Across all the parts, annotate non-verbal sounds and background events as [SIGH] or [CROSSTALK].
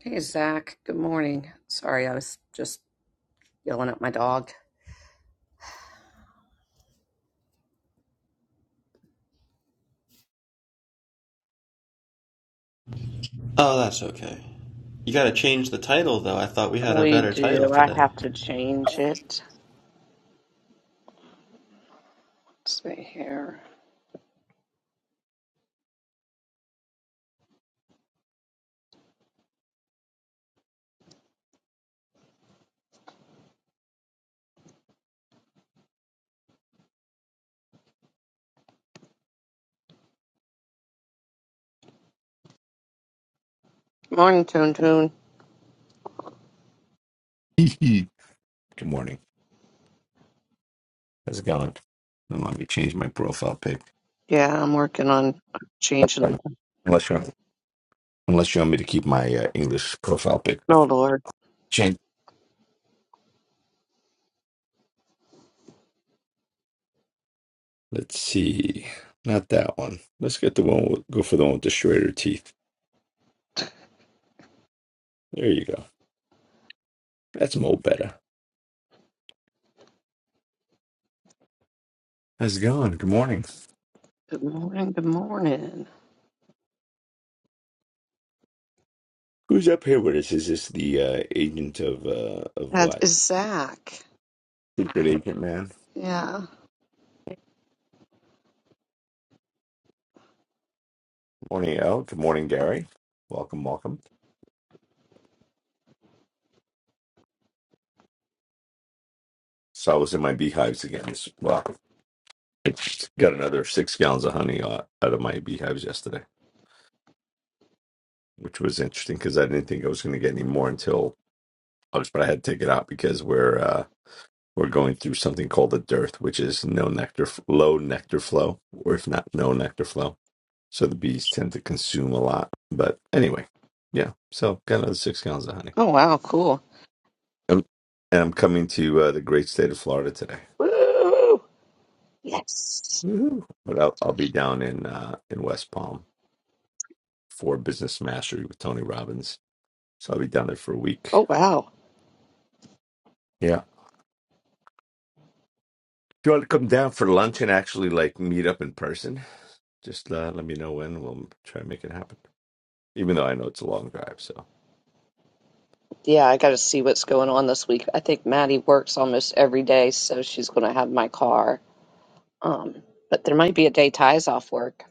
Hey, Zach. Good morning. Sorry, I was just yelling at my dog. Oh, that's okay. You gotta change the title, though. I thought we had a We better title do. I today. have to change it. Let's see here. Morning, Toon Toon. [LAUGHS] Good morning. How's it going? do Let me change my profile pic. Yeah, I'm working on changing it. Uh, Unless you unless you want me to keep my uh, English profile pic up. No, Lord. Change. Let's see. Not that one. Let's get the one. With, go for the one with the straighter teeth. There you go. That's mo better. How's it going? Good morning. Good morning. Good morning. Who's up here with us? Is this the uh, agent of uh, of That what? is Zach. Secret agent man. Yeah. Morning, Al. Good morning, Gary. Welcome, welcome. So I was in my beehives again. This, Well, got another six gallons of honey out out of my beehives yesterday, which was interesting because I didn't think I was going to get any more until August, but I had to take it out because we're uh, we're going through something called a dearth, which is no nectar, f- low nectar flow, or if not no nectar flow. So the bees tend to consume a lot. But anyway, yeah. So got another six gallons of honey, Oh, wow. Cool. Um and I'm coming to uh, the great state of Florida today. Woo! Yes. Woo-hoo. But I'll, I'll be down in uh, in West Palm for Business Mastery with Tony Robbins So I'll be down there for a week. Oh, wow. Yeah. If you want to come down for lunch and actually like meet up in person, just uh, let me know when. We'll try and make it happen. Even though I know it's a long drive, so Yeah, I got to see what's going on this week. I think Maddie works almost every day, so she's going to have my car. Um, but there might be a day Ty's off work.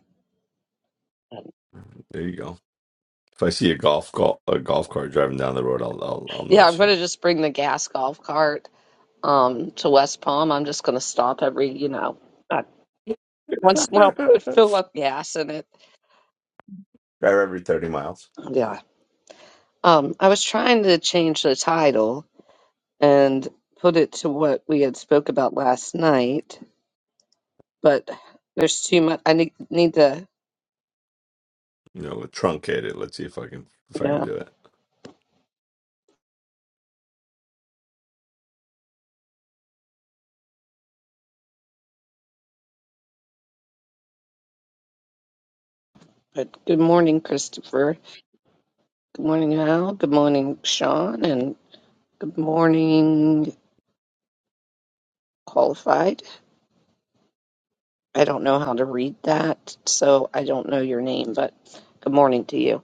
there you go. If I see a golf call, a golf cart driving down the road, I'll I'll, I'll know Yeah, I'm it's you. gonna just bring the gas golf cart um to West Palm. I'm just gonna stop every, you know, uh, once in a while, put fill up gas in it. [LAUGHS] Drive every thirty miles. Yeah. Um, I was trying to change the title and put it to what we had spoke about last night, but there's too much. I need need to. You know, we'll truncate it. Let's see if I can if I can Yeah. do it. But good morning, Christopher. Good morning, Al. Good morning, Sean, and good morning, qualified. I don't know how to read that, so I don't know your name, but good morning to you.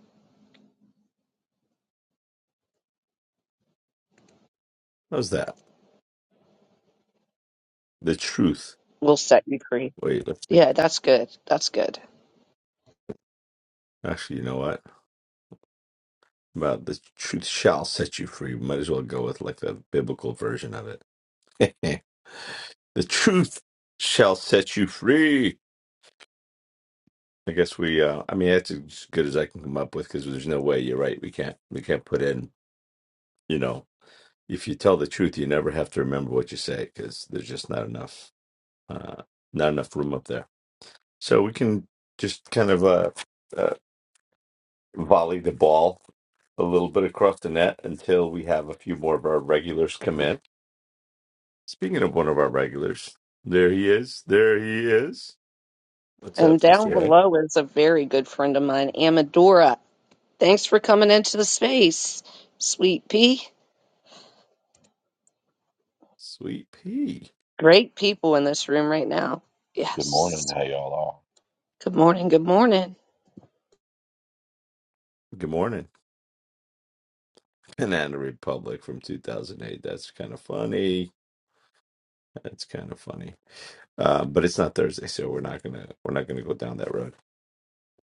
How's that? The truth. We'll set you free. Wait, let's see. Yeah, that's good. That's good. Actually, you know what? About the truth shall set you free. Might as well go with like the biblical version of it. [LAUGHS] The truth shall set you free. I guess we. Uh, I mean, that's as good as I can come up with because there's no way. You're right. We can't. We can't put in. You know, if you tell the truth, you never have to remember what you say because there's just not enough. Uh, not enough room up there. So we can just kind of uh, uh, volley the ball a little bit across the net until we have a few more of our regulars come in. Speaking of one of our regulars, there he is. There he is. What's up, And down Mr. A? below is a very good friend of mine, Amadora. Thanks for coming into the space, sweet pea. Sweet P. Great people in this room right now. Good morning. Yes. How y'all are? Good morning. Good morning. Good morning. Banana Republic from 2008. That's kind of funny. That's kind of funny. Uh, but it's not Thursday, so we're not gonna we're not gonna go down that road.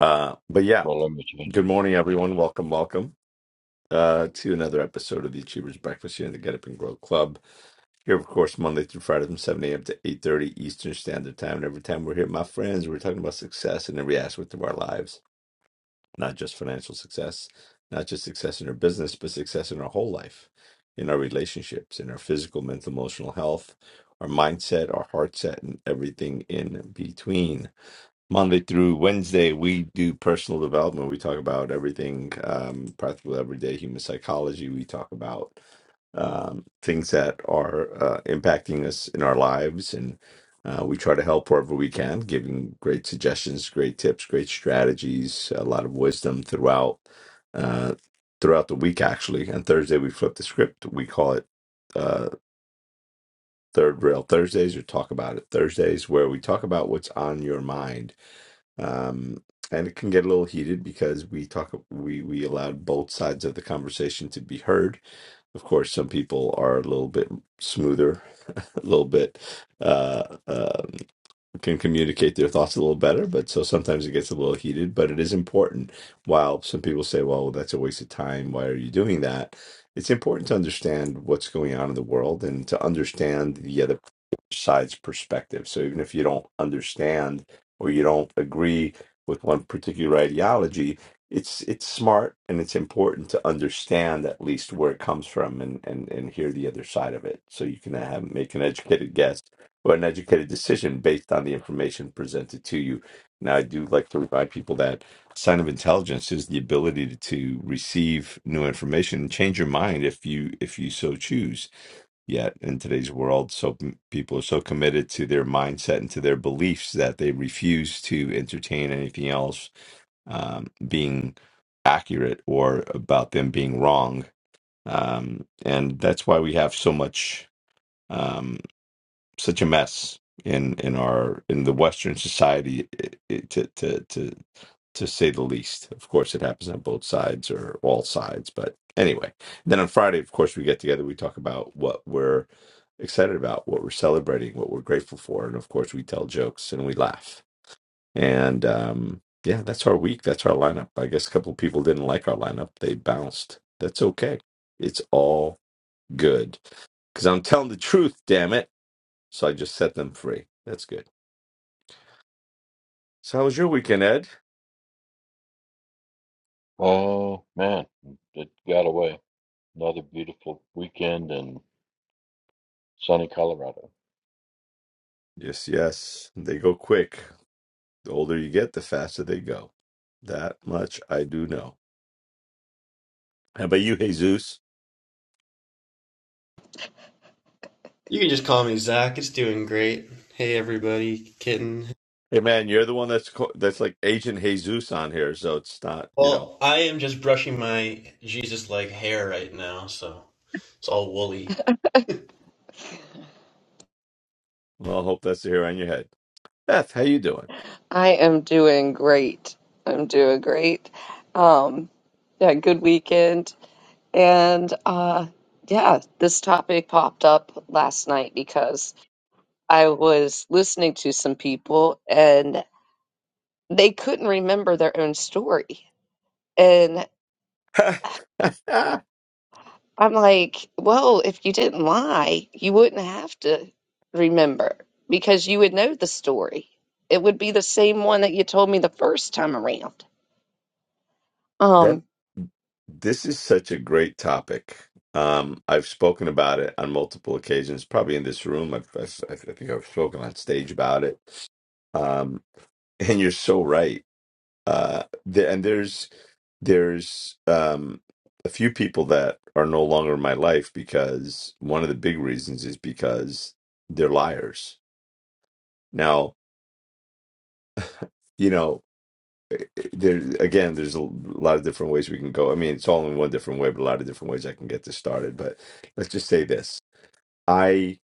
Uh, but yeah, Well, let me change good it. morning, everyone. Welcome, welcome uh, to another episode of the Achievers Breakfast here in the Get Up and Grow Club. Here, of course, Monday through Friday from 7 a.m. to 8:30 Eastern Standard Time. And every time we're here, my friends, we're talking about success in every aspect of our lives not just financial success, not just success in our business, but success in our whole life, in our relationships, in our physical, mental, emotional health, our mindset, our heart set, and everything in between. Monday through Wednesday, we do personal development. We talk about everything, um, practical everyday human psychology. We talk about um, things that are uh, impacting us in our lives. And uh, we try to help wherever we can, giving great suggestions, great tips, great strategies, a lot of wisdom throughout uh, throughout the week. Actually, on Thursday we flip the script. We call it uh, Third Rail Thursdays or Talk About It Thursdays, where we talk about what's on your mind um, and it can get a little heated because we talk we we allowed both sides of the conversation to be heard. Of course, some people are a little bit smoother, [LAUGHS] a little bit. Uh, um can communicate their thoughts a little better. But so sometimes it gets a little heated, but it is important. While some people say, well, that's a waste of time. Why are you doing that? It's important to understand what's going on in the world and to understand the other side's perspective. So even if you don't understand or you don't agree with one particular ideology, it's it's smart and it's important to understand at least where it comes from and and and hear the other side of it so you can have make an educated guess or an educated decision based on the information presented to you. Now, I do like to remind people that sign of intelligence is the ability to, to receive new information and change your mind if you if you so choose. Yet in today's world, so m- people are so committed to their mindset and to their beliefs that they refuse to entertain anything else um, being accurate or about them being wrong. Um, and that's why we have so much. um, such a mess in in our in the Western society, i- i- to to to to say the least. Of course, it happens on both sides or all sides. But anyway, then on Friday, of course, we get together. We talk about what we're excited about, what we're celebrating, what we're grateful for, and of course, we tell jokes and we laugh. And um, yeah, that's our week. That's our lineup. I guess a couple of people didn't like our lineup. They bounced. That's okay. It's all good because I'm telling the truth. Damn it. So I just set them free. That's good. So how was your weekend, Ed? Oh, man. It got away. Another beautiful weekend in sunny Colorado. Yes, yes. They go quick. The older you get, the faster they go. That much I do know. How about you, Jesus? You can just call me Zach. It's doing great. Hey, everybody, kitten. Hey, man, you're the one that's co- that's like Agent Jesus on here, so it's not, you know. Well, I am just brushing my Jesus like hair right now, so it's all woolly. Well, I hope that's the hair on your head. Beth, how you doing? I am doing great. I'm doing great. Um, yeah, good weekend And uh, yeah, this topic popped up last night because I was listening to some people and they couldn't remember their own story. And [LAUGHS] that I'm like, well, if you didn't lie, you wouldn't have to remember because you would know the story. It would be the same one that you told me the first time around. Um, this is such a great topic. Um, I've spoken about it on multiple occasions, probably in this room. I've, I've, I think I've spoken on stage about it. Um, And you're so right. Uh, there, and there's there's um, a few people that are no longer in my life because one of the big reasons is because they're liars. Now, you know, eh, there again, there's a lot of different ways we can go. I mean, it's all in one different way, but a lot of different ways I can get this started. But let's just say this: I,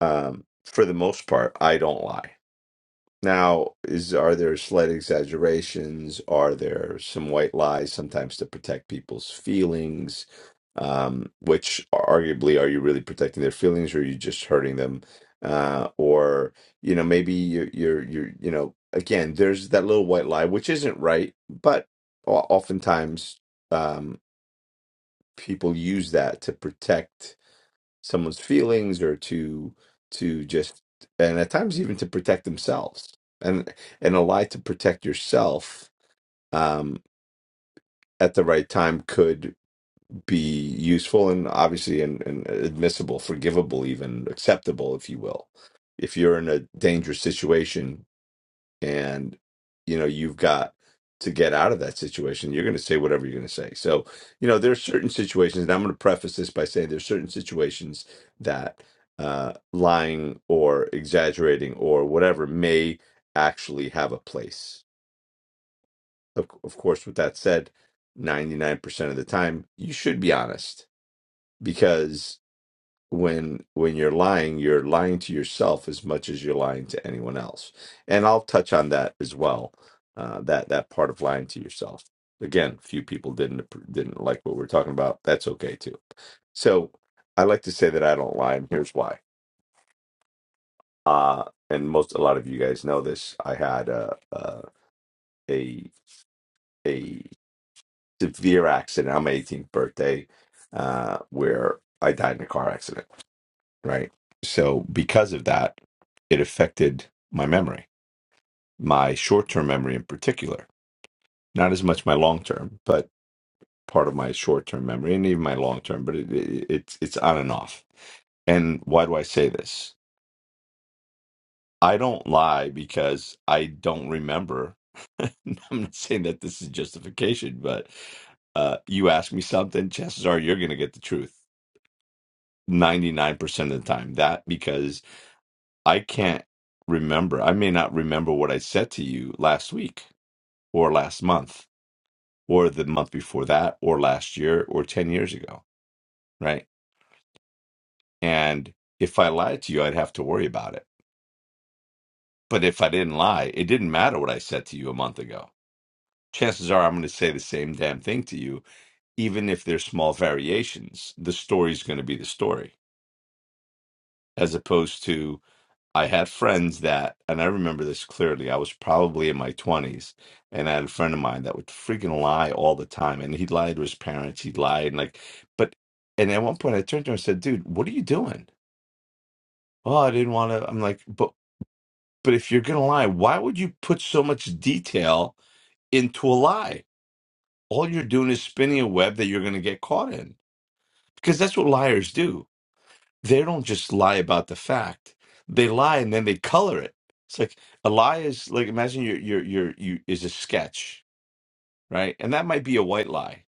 um, for the most part, I don't lie. Now, is are there slight exaggerations? Are there some white lies sometimes to protect people's feelings? Um, which arguably, are you really protecting their feelings, or are you just hurting them? Uh, or you know, maybe you're you're you're you know, again, there's that little white lie which isn't right, but o- oftentimes um, people use that to protect someone's feelings or to to just and at times even to protect themselves and and a lie to protect yourself um at the right time could be useful and obviously and, and admissible forgivable even acceptable if you will if you're in a dangerous situation and you know you've got to get out of that situation you're going to say whatever you're going to say so you know there's certain situations and i'm going to preface this by saying there's certain situations that uh, lying or exaggerating or whatever may actually have a place of, of course with that said 99% of the time you should be honest when when you're lying you're lying to yourself as much as you're lying to anyone else and i'll touch on that as well uh, that that part of lying to yourself again few people didn't didn't like what we're talking about that's okay too so i like to say that i don't lie and here's why uh and most a lot of you guys know this i had a a a, a severe accident on my 18th birthday uh where i died in a car accident right? So because of that, it affected my memory, my short term memory in particular. Not as much my long term, but part of my short term memory and even my long term. But it, it, it's it's on and off. And why do I say this? I don't lie because I don't remember. [LAUGHS] I'm not saying that this is justification, but uh, you ask me something, chances are you're going to get the truth 99% of the time. That because I can't remember. I may not remember what I said to you last week or last month or the month before that or last year or 10 years ago. Right. And if I lied to you, I'd have to worry about it. But if I didn't lie, it didn't matter what I said to you a month ago. Chances are I'm going to say the same damn thing to you, even if there's small variations. The story's going to be the story, as opposed to I had friends that, and I remember this clearly. I was probably in my twenties, and I had a friend of mine that would freaking lie all the time, and he'd lie to his parents. He'd lie, and like, but, and at one point, I turned to him and said, "Dude, what are you doing?" Oh, I didn't want to. I'm like, but, but if you're gonna lie, why would you put so much detail into a lie? All you're doing is spinning a web that you're gonna get caught in, because that's what liars do they don't just lie about the fact. They lie and then they color it. It's like a lie is like imagine your your your you is a sketch, right? And that might be a white lie.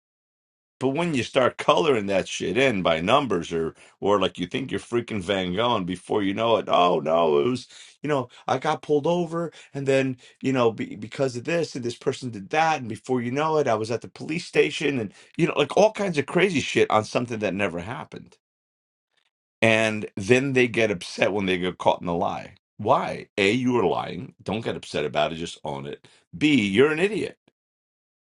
But when you start coloring that shit in by numbers or or like you think you're freaking Van Gogh and before you know it, oh no, it was you know, I got pulled over and then, you know, be, because of this and this person did that and before you know it, I was at the police station and you know, like all kinds of crazy shit on something that never happened and then they get upset when they get caught in a lie. Why? A, you were lying. Don't get upset about it. Just own it. B, you're an idiot.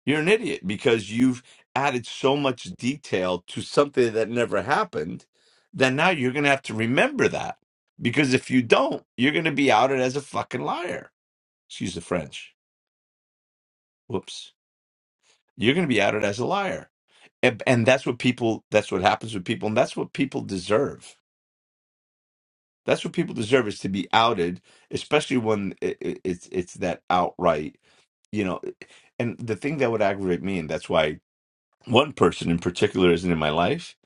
You're an idiot because you've added so much detail to something that never happened that now you're going to have to remember that. Because if you don't, you're going to be outed as a fucking liar. Excuse the French. Whoops. You're going to be outed as a liar. And, and that's what people, that's what happens with people. And that's what people deserve That's what people deserve is to be outed, especially when it, it, it's it's that outright, you know. And the thing that would aggravate me, and that's why one person in particular isn't in my life,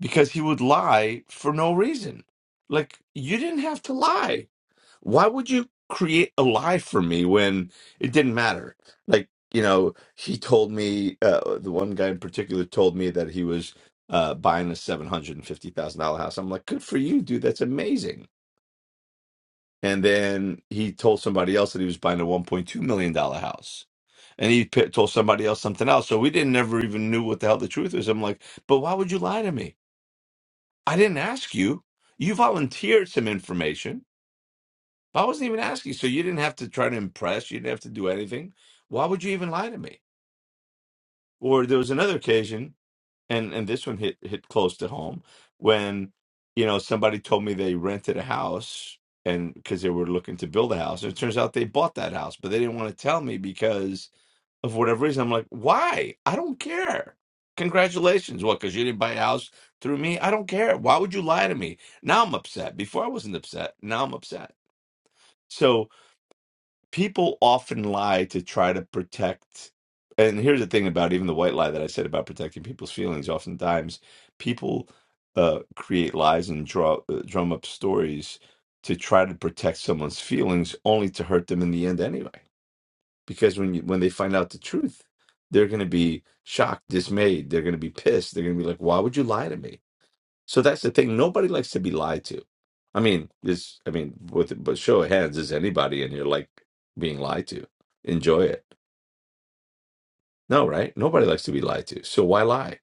because he would lie for no reason. Like you didn't have to lie. Why would you create a lie for me when it didn't matter? Like you know, he told me uh, the one guy in particular told me that he was uh, buying a seven hundred and fifty thousand dollar house. I'm like, good for you, dude. That's amazing and then he told somebody else that he was buying a 1.2 million dollar house and he p- told somebody else something else so we didn't never even knew what the hell the truth was i'm like but why would you lie to me i didn't ask you you volunteered some information i wasn't even asking so you didn't have to try to impress you didn't have to do anything why would you even lie to me or there was another occasion and and this one hit hit close to home when you know somebody told me they rented a house and because they were looking to build a house it turns out they bought that house but they didn't want to tell me because of whatever reason i'm like why i don't care congratulations what because you didn't buy a house through me i don't care why would you lie to me now i'm upset before i wasn't upset now i'm upset so people often lie to try to protect and here's the thing about even the white lie that i said about protecting people's feelings oftentimes people uh, create lies and draw uh, drum up stories to try to protect someone's feelings only to hurt them in the end anyway because when you when they find out the truth they're going to be shocked dismayed they're going to be pissed they're going to be like why would you lie to me so that's the thing. Nobody likes to be lied to. I mean, this. I mean, with but show of hands, is anybody in here like being lied to? Enjoy it. No, right? Nobody likes to be lied to. So why lie?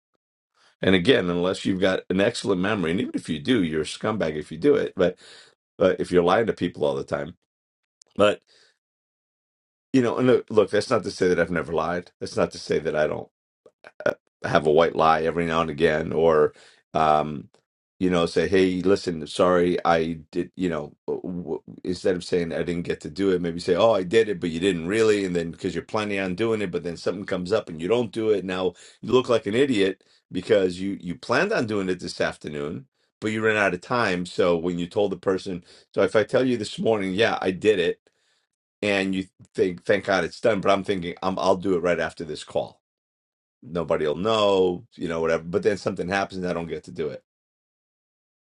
And again, unless you've got an excellent memory, and even if you do, you're a scumbag if you do it. But uh, if you're lying to people all the time. But you know, and look, look, that's not to say that I've never lied. That's not to say that I don't. uh, have a white lie every now and again or um you know say hey listen sorry i did you know w- w- instead of saying i didn't get to do it maybe say oh i did it but you didn't really and then because you're planning on doing it but then something comes up and you don't do it now you look like an idiot because you you planned on doing it this afternoon but you ran out of time so when you told the person so if i tell you this morning yeah i did it and you think thank god it's done but i'm thinking i i'll do it right after this call nobody'll know, you know, whatever. But then something happens and I don't get to do it.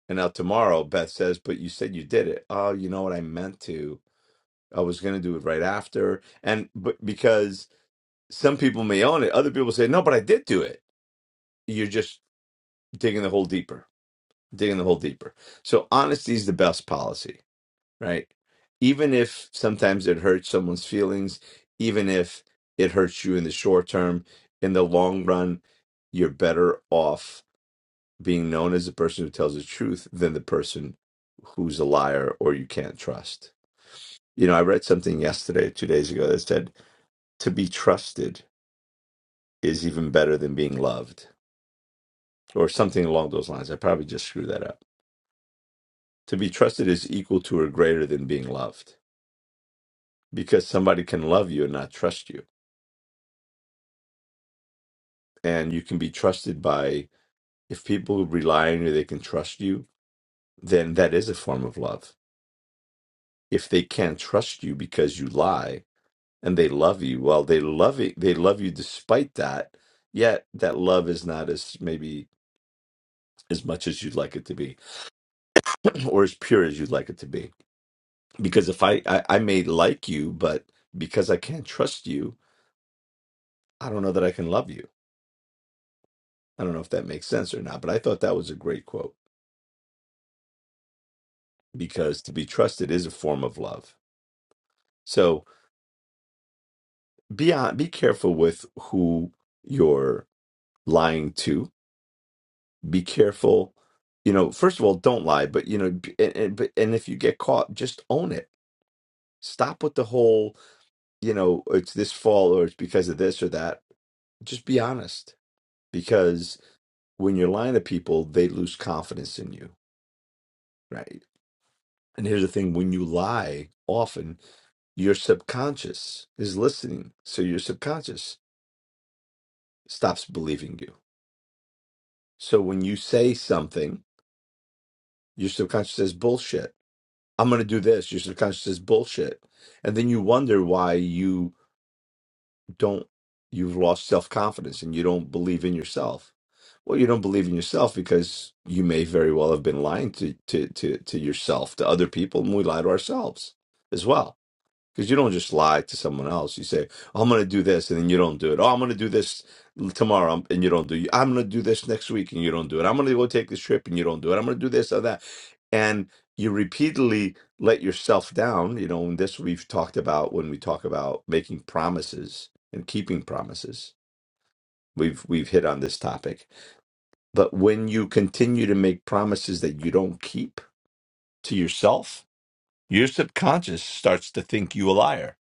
And now tomorrow Beth says, But you said you did it. Oh, you know what I meant to. I was gonna do it right after. And but because some people may own it, other people say, No, but I did do it. You're just digging the hole deeper. Digging the hole deeper. So honesty is the best policy, right? Even if sometimes it hurts someone's feelings, even if it hurts you in the short term, in the long run, you're better off being known as the person who tells the truth than the person who's a liar or you can't trust. You know, I read something yesterday, two days ago, that said to be trusted is even better than being loved, or something along those lines. I probably just screwed that up. To be trusted is equal to or greater than being loved because somebody can love you and not trust you. And you can be trusted by, if people rely on you, they can trust you, then that is a form of love. If they can't trust you because you lie, and they love you. Well, they love it. They love you despite that. Yet that love is not as maybe as much as you'd like it to be, [CLEARS THROAT] or as pure as you'd like it to be. Because if I, I I may like you, but because I can't trust you, I don't know that I can love you. I don't know if that makes sense or not. But I thought that was a great quote because to be trusted is a form of love. So be on, be careful with who you're lying to be careful you know first of all don't lie but you know b- and, and but- and if you get caught just own it stop with the whole you know it's this fault or it's because of this or that just be honest because when you're lying to people they lose confidence in you right and here's the thing when you lie often your subconscious is listening so your subconscious stops believing you so when you say something your subconscious says bullshit I'm going to do this. Your subconscious says bullshit. And then you wonder why you don't, you've lost self confidence and you don't believe in yourself. Well, you don't believe in yourself because you may very well have been lying to, to, to, to yourself, to other people, and we lie to ourselves as well. Because you don't just lie to someone else. You say, "Oh, I'm going to do this, and then you don't do it. Oh, I'm going to do this tomorrow, um, and you don't do it. I'm going to do this next week, and you don't do it. I'm going to go take this trip, and you don't do it. I'm going to do this or that. And you repeatedly let yourself down. You know, and this we've talked about when we talk about making promises and keeping promises. We've we've hit on this topic. But when you continue to make promises that you don't keep to yourself, your subconscious starts to think you a liar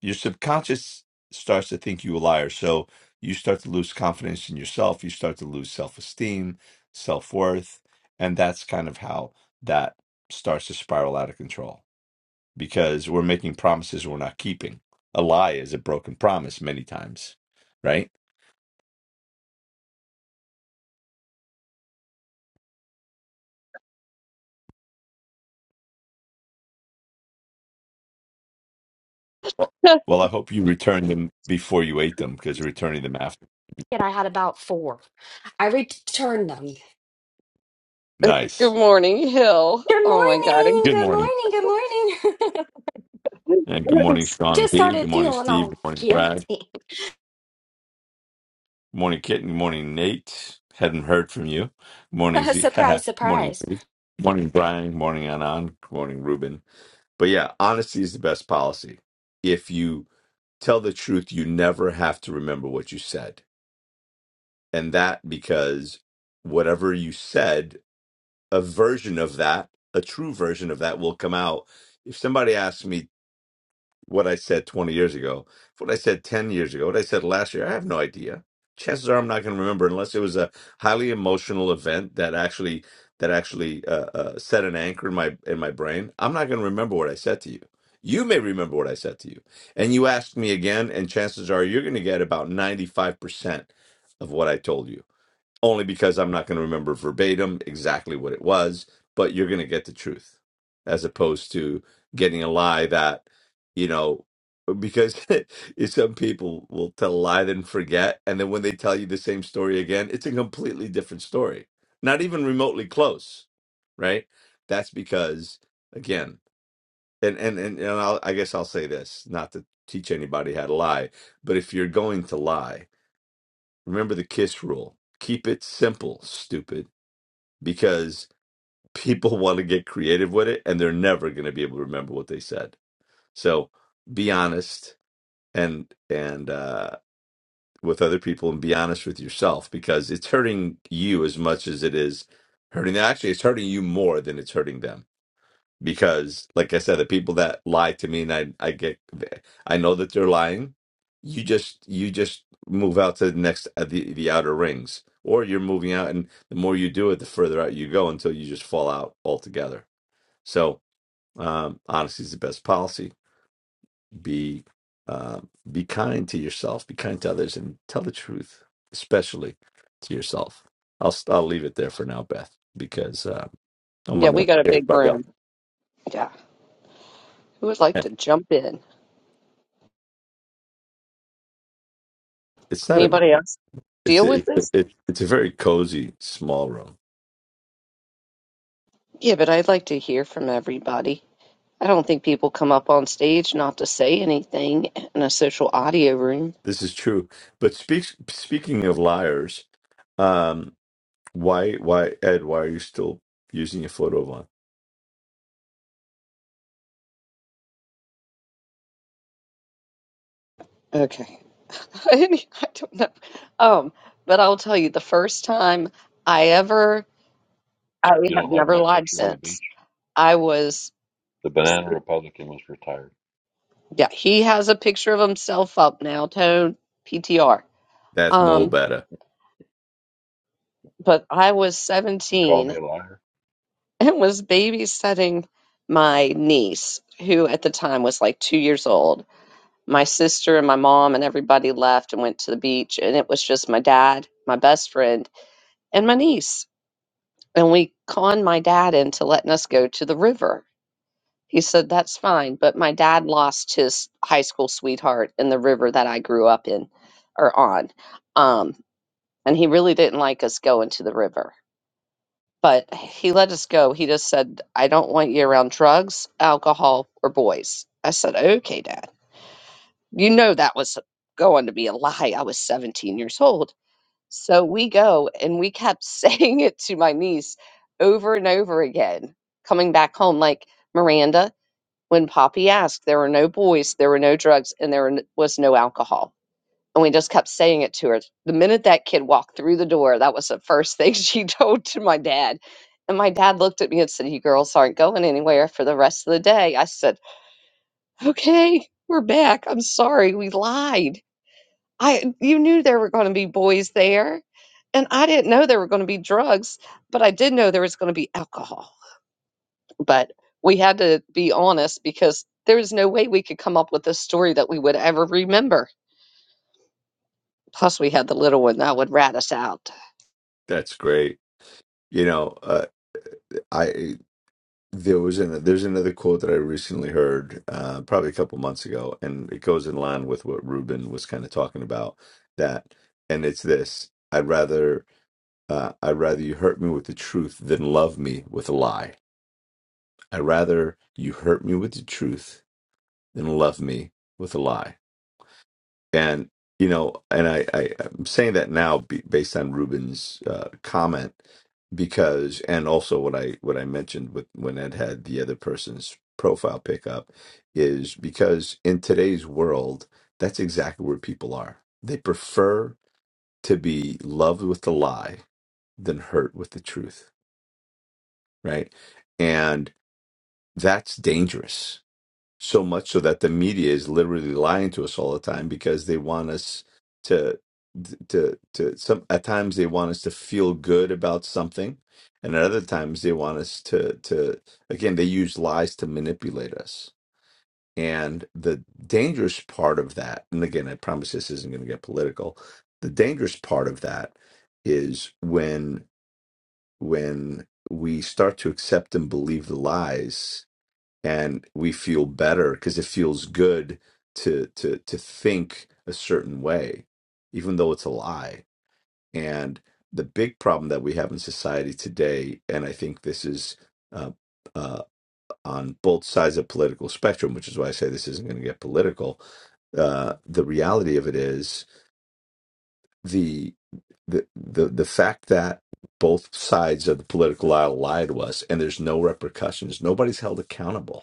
your subconscious starts to think you a liar. So you start to lose confidence in yourself. You start to lose self esteem, self worth. And that's kind of how that starts to spiral out of control because we're making promises we're not keeping. A lie is a broken promise many times, right? Well, [LAUGHS] well, I hope you returned them before you ate them because returning them after. and I had about four. I returned them. good Nice. morning, Hill. Good Oh my God. morning. Good Good morning. morning. Good morning. I'm- And good [LAUGHS] morning, [LAUGHS] Sean Just B. Good started morning, feeling Steve. Good all morning, Brad. guilty. Good Morning, Kit. Good morning, Nate. Hadn't heard from you. Good Morning, [LAUGHS] Z. [LAUGHS] Good surprise, morning, surprise. Zeke. Morning, Brian. Good Morning, Anand. Good morning, Ruben. But yeah, honesty is the best policy. If you tell the truth, you never have to remember what you said. And that because whatever you said, a version of that, a true version of that will come out. If somebody asks me what I said 20 years ago, what I said 10 years ago, what I said last year, I have no idea. Chances are I'm not going to remember unless it was a highly emotional event that actually that actually uh, uh, set an anchor in my in my brain. I'm not going to remember what I said to you. You may remember what I said to you, and you ask me again, and chances are you're going to get about 95 percent of what I told you only because I'm not going to remember verbatim exactly what it was, but you're going to get the truth as opposed to getting a lie that, you know, because [LAUGHS] some people will tell a lie then forget. And then when they tell you the same story again, it's a completely different story, not even remotely close, right? That's because, again, and, and, and, and I'll, I guess I'll say this not to teach anybody how to lie, but if you're going to lie, Remember the KISS rule. Keep it simple, stupid, because people [LAUGHS] want to get creative with it and they're never going to be able to remember what they said. So be honest and and uh with other people and be honest with yourself because it's hurting you as much as it is hurting them. Actually, it's hurting you more than it's hurting them because like i said the people that lie to me and i i get i know that they're lying you just you just move out to the next uh, the, the outer rings or you're moving out and the more you do it the further out you go until you just fall out altogether so um honesty is the best policy be uh, be kind to yourself be kind to others and tell the truth especially to yourself i'll i'll leave it there for now beth because uh, i'm Yeah, gonna we let got a big everybody else room. Yeah. Who would like to jump in? it's not a Anybody else It's deal a, with it, this? it, it's a very cozy small room. Yeah, but I'd like to hear from everybody. I don't think people come up on stage not to say anything in a social audio room. This is true. But speak, speaking of liars, um, why why Ed? Why are you still using your photo one? Okay. [LAUGHS] I don't know. Um, but I'll tell you, the first time I ever, I You have don't like never my lied picture on the since. beach? I was, The banana Republican was retired. yeah, he has a picture of himself up now, Tone PTR. That's Mo Um, Better. but I was Call 17 me a liar? and was babysitting my niece, who at the time was like two years old. My sister and my mom and everybody left and went to the beach, and it was just my dad, my best friend, and my niece. And we conned my dad into letting us go to the river. He said, That's fine. But my dad lost his high school sweetheart in the river that I grew up in or on. Um, and he really didn't like us going to the river But he let us go. He just said, I don't want you around drugs, alcohol, or boys. I said, Okay, Dad. You know that was going to be a lie. I was 17 years old. So we go and we kept [LAUGHS] saying it to my niece over and over again, coming back home like, Miranda, when Poppy asked, there were no boys, there were no drugs, and there was no alcohol and we just kept saying it to her. The minute that kid walked through the door, that was the first thing [LAUGHS] she told to my dad. And my dad looked at me and said, You girls aren't going anywhere for the rest of the day. I said, Okay, we're back. I'm sorry, we lied. I you knew there were going to be boys there. And I didn't know there were going to be drugs, but I did know there was going to be alcohol. But we had to be honest because there was no way we could come up with a story that we would ever remember. Plus, we had the little one that would rat us out. That's great. You know, uh, I there was an there's another quote that I recently heard, uh, probably a couple months ago, and it goes in line with what Ruben was kind of talking about. That and it's this: I'd rather uh, I'd rather you hurt me with the truth than love me with a lie I rather you hurt me with the truth than love me with a lie. And you know, and I, I I'm saying that now be, based on Ruben's uh, comment because, and also what I what I mentioned with when Ed had the other person's profile pick up is because in today's world, that's exactly where people are. They prefer to be loved with the lie than hurt with the truth, right? And that's dangerous so much so that the media is literally lying to us all the time because they want us to to to some at times they want us to feel good about something and at other times they want us to to again they use lies to manipulate us and the dangerous part of that and again i promise this isn't going to get political the dangerous part of that is when when we start to accept and believe the lies and we feel better because it feels good to to to think a certain way even though it's a lie and the big problem that we have in society today and i think this is uh, uh, on both sides of political spectrum which is why i say this isn't going to get political uh, the reality of it is the the the the fact that both sides of the political aisle lie to us and there's no repercussions nobody's held accountable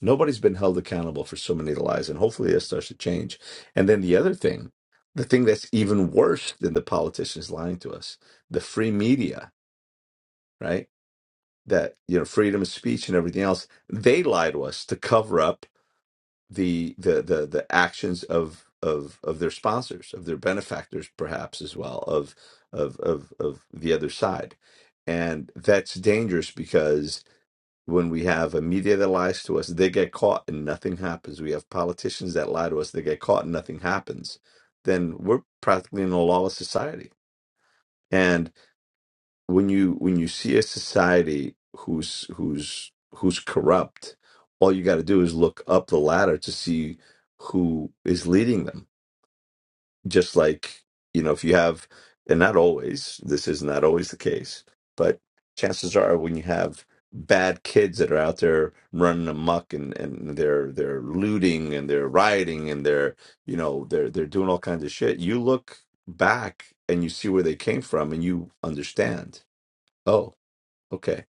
Nobody's been held accountable for so many lies, and hopefully that starts to change. And then the other thing, the thing that's even worse than the politicians lying to us, the free media, right? That you know, freedom of speech and everything else, they lie to us to cover up the the the the actions of of of their sponsors, of their benefactors, perhaps as well, of of of of the other side, and that's dangerous because when we have a media that lies to us, they get caught and nothing happens. We have politicians that lie to us, they get caught and nothing happens. Then we're practically in a lawless society. And when you when you see a society who's who's who's corrupt, all you got to do is look up the ladder to see who is leading them just like you know if you have and not always this is not always the case but chances are when you have bad kids that are out there running amok and and they're they're looting and they're rioting and they're you know they're they're doing all kinds of shit you look back and you see where they came from and you understand oh okay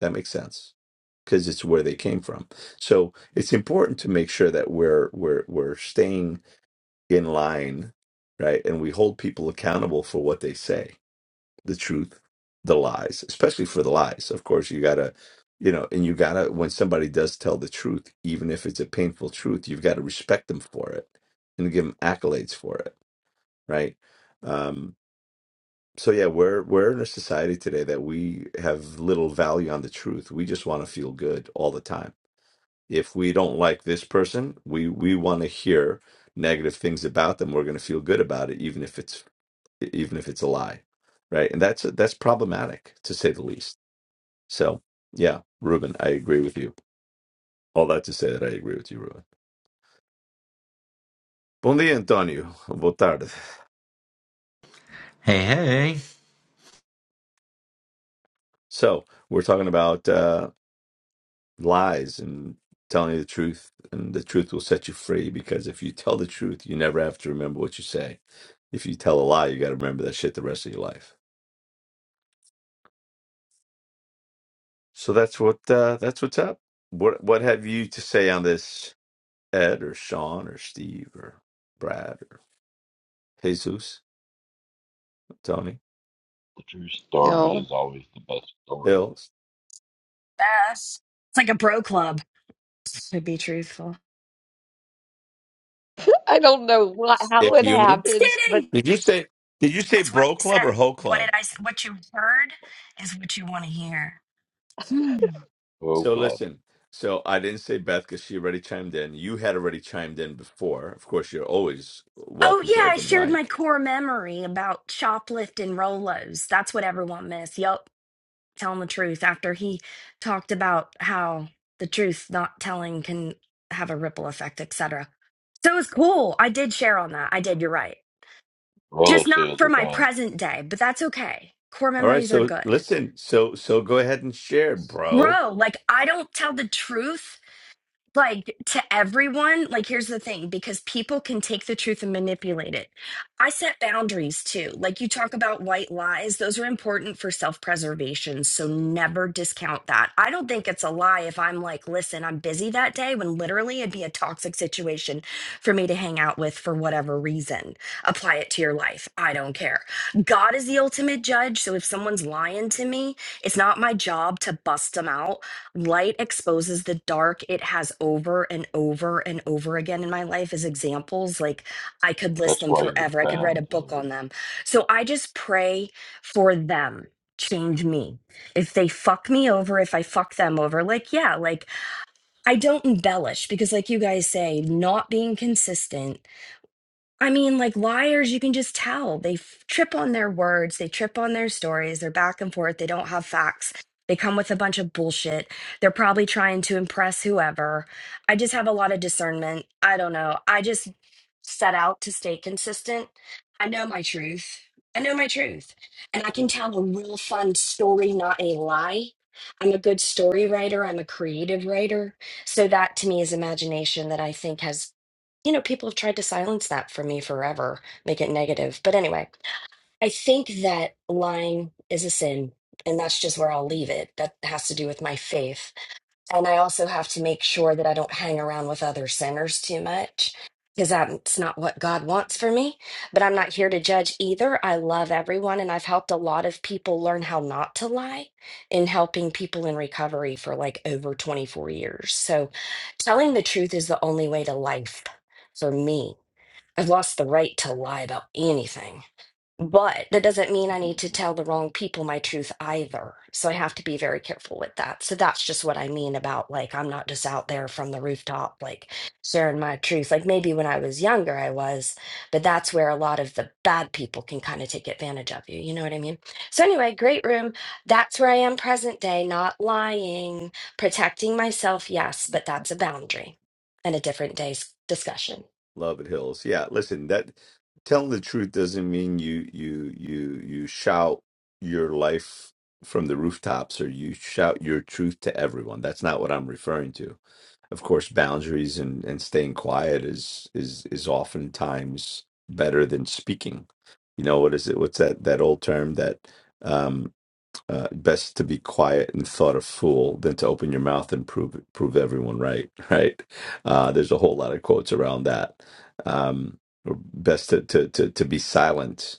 that makes sense because it's where they came from so it's important to make sure that we're we're we're staying in line, right? And we hold people accountable for what they say, the truth, the lies, especially for the lies. Of course, you gotta, you know, and you gotta, when somebody does tell the truth, even if it's a painful truth, you've got to respect them for it and give them accolades for it, right? Um, so yeah, we're we're in a society today that we have little value on the truth. We just want to feel good all the time if we don't like this person, we we want to hear negative things about them. We're going to feel good about it, even if it's even if it's a lie, right? And that's that's problematic to say the least. So yeah, Ruben, I agree with you. All that to say that I agree with you, Ruben. Bom dia, Antonio. Boa tarde. Hey, hey. So we're talking about uh, lies and telling you the truth, and the truth will set you free. Because if you tell the truth, you never have to remember what you say. If you tell a lie, you got to remember that shit the rest of your life. So that's what uh, that's what's up. What what have you to say on this, Ed or Sean or Steve or Brad or Jesus, Tony The true You story know, is always the best story. Hills, Yes. It's like a bro club, to be truthful. I don't know what, how Dick it Yumi? Just happens, but kidding. Did you say did you say That's what Bro I said. Club or Ho What Club? did I say? What you heard is what you want to hear. Hmm. Oh, So club. listen. So I didn't say Beth because she already chimed in. You had already chimed in before. Of course, you're always Oh, welcome to yeah. I open the shared my mic. core memory about shoplifting Rolos. That's what everyone missed. Yup. telling the truth after he talked about how the truth not telling can have a ripple effect, etc. So it was cool. I did share on that. I did. You're right. Rolo Just not sales for are my down. present day, but that's okay. Core All right. memories are So good. listen. So so go ahead and share, bro. Bro, like I don't tell the truth like to everyone like here's the thing because people can take the truth and manipulate it i set boundaries too like you talk about white lies those are important for self-preservation so never discount that i don't think it's a lie if i'm like listen i'm busy that day when literally it'd be a toxic situation for me to hang out with for whatever reason apply it to your life i don't care god is the ultimate judge so if someone's lying to me it's not my job to bust them out light exposes the dark it has over and over and over again in my life as examples like i could list That's them why you're forever i could write a bound, book Hillary. on them so i just pray for them change me if they fuck me over if i fuck them over like yeah like i don't embellish because like you guys say not being consistent I mean, like liars, you can just tell they f- trip on their words, they trip on their stories, they're back and forth, they don't have facts, they come with a bunch of bullshit. They're probably trying to impress whoever. I just have a lot of discernment. I don't know. I just set out to stay consistent. I know my truth. I know my truth. And I can tell a real fun story, not a lie. I'm a good story writer, I'm a creative writer. So that to me is imagination that I think has you know, people have tried to silence that for me forever, make it negative. But anyway, I think that lying is a sin, and that's just where I'll leave it. That has to do with my faith. And I also have to make sure that I don't hang around with other sinners too much because that's not what God wants for me. But I'm not here to judge either. I love everyone, and I've helped a lot of people learn how not to lie in helping people in recovery for like over 24 years. So telling the truth is the only way to life for me. I've lost the right to lie about anything. But that doesn't mean I need to tell the wrong people my truth either. So I have to be very careful with that. So that's just what I mean about like, I'm not just out there from the rooftop, like sharing my truth. Like maybe when I was younger, I was, but that's where a lot of the bad people can kind of take advantage of you. You know what I mean? So anyway, great room. That's where I am present day, not lying, protecting myself, yes, [LAUGHS] but that's a boundary and a different day's discussion. Love it Hills. Yeah, listen, that telling the truth doesn't mean you you you you shout your life from the rooftops or you shout your truth to everyone. That's not what I'm referring to. Of course, boundaries and and staying quiet is is is oftentimes better than speaking. You know, what is it? What's that that old term that um, uh, best to be quiet and thought a fool than to open your mouth and prove prove everyone right. [LAUGHS] Right? Uh, there's a whole lot of quotes around that. Um, or best to to to, to be silent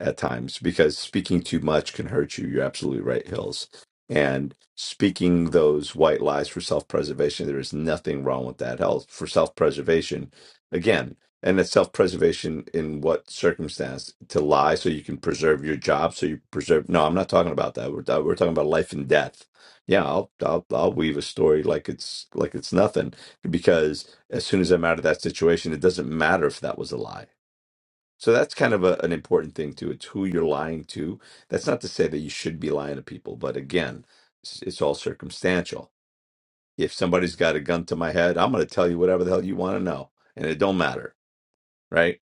at times because speaking too much can hurt you. You're absolutely right, Hills. And speaking those white lies for self preservation, there is nothing wrong with that. Hell, for self preservation, again, and it's self preservation in what circumstance to lie so you can preserve your job, so you preserve. No, I'm not talking about that. We're, we're talking about life and death. Yeah, I'll, I'll I'll weave a story like it's like it's nothing because as soon as I'm out of that situation, it doesn't matter if that was a lie so that's kind of a, an important thing too. It's who you're lying to. That's not to say that you should be lying to people, but again, it's, it's all circumstantial. If somebody's got a gun to my head, I'm going to tell you whatever the hell you want to know, and it don't matter, right?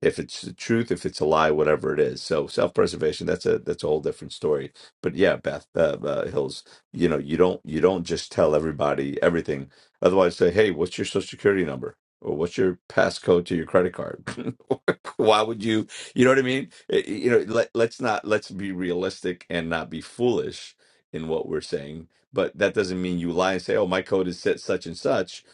if it's the truth, if it's a lie, whatever it is. So self-preservation, that's a that's a whole different story. But yeah, Beth uh, uh, Hills, you know, you don't you don't just tell everybody everything. Otherwise, say, hey, what's your social security number? Or what's your passcode to your credit card? [LAUGHS] Why would you? You know what I mean? Eh, eh, You know, let, let's not let's be realistic and not be foolish in what we're saying. But that doesn't mean you lie and say, "Oh, my code is set such and such."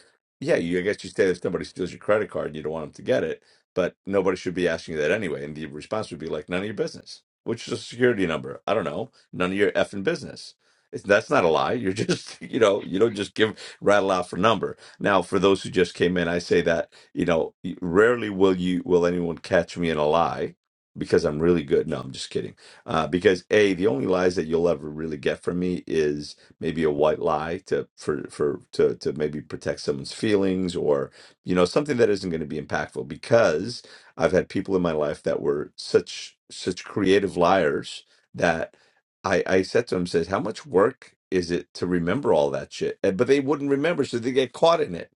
Yeah, you, I guess you say if somebody steals your credit card, you don't want them to get it but nobody should be asking you that anyway. And the response would be like, none of your business. What's your security number? I don't know. None of your effing business. It's, that's not a lie. You're just, [LAUGHS] you know, you don't just give rattle off a number. Now, for those who just came in, I say that, you know, rarely will you will anyone catch me in a lie because I'm really good. No, I'm just kidding. Uh, because a the only lies that you'll ever really get from me is maybe a white lie to for for to to maybe protect someone's feelings or you know something that isn't going to be impactful because i've had people in my life that were such such creative liars that i i said to them says how much work is it to remember all that shit And- but they wouldn't remember so they get caught in it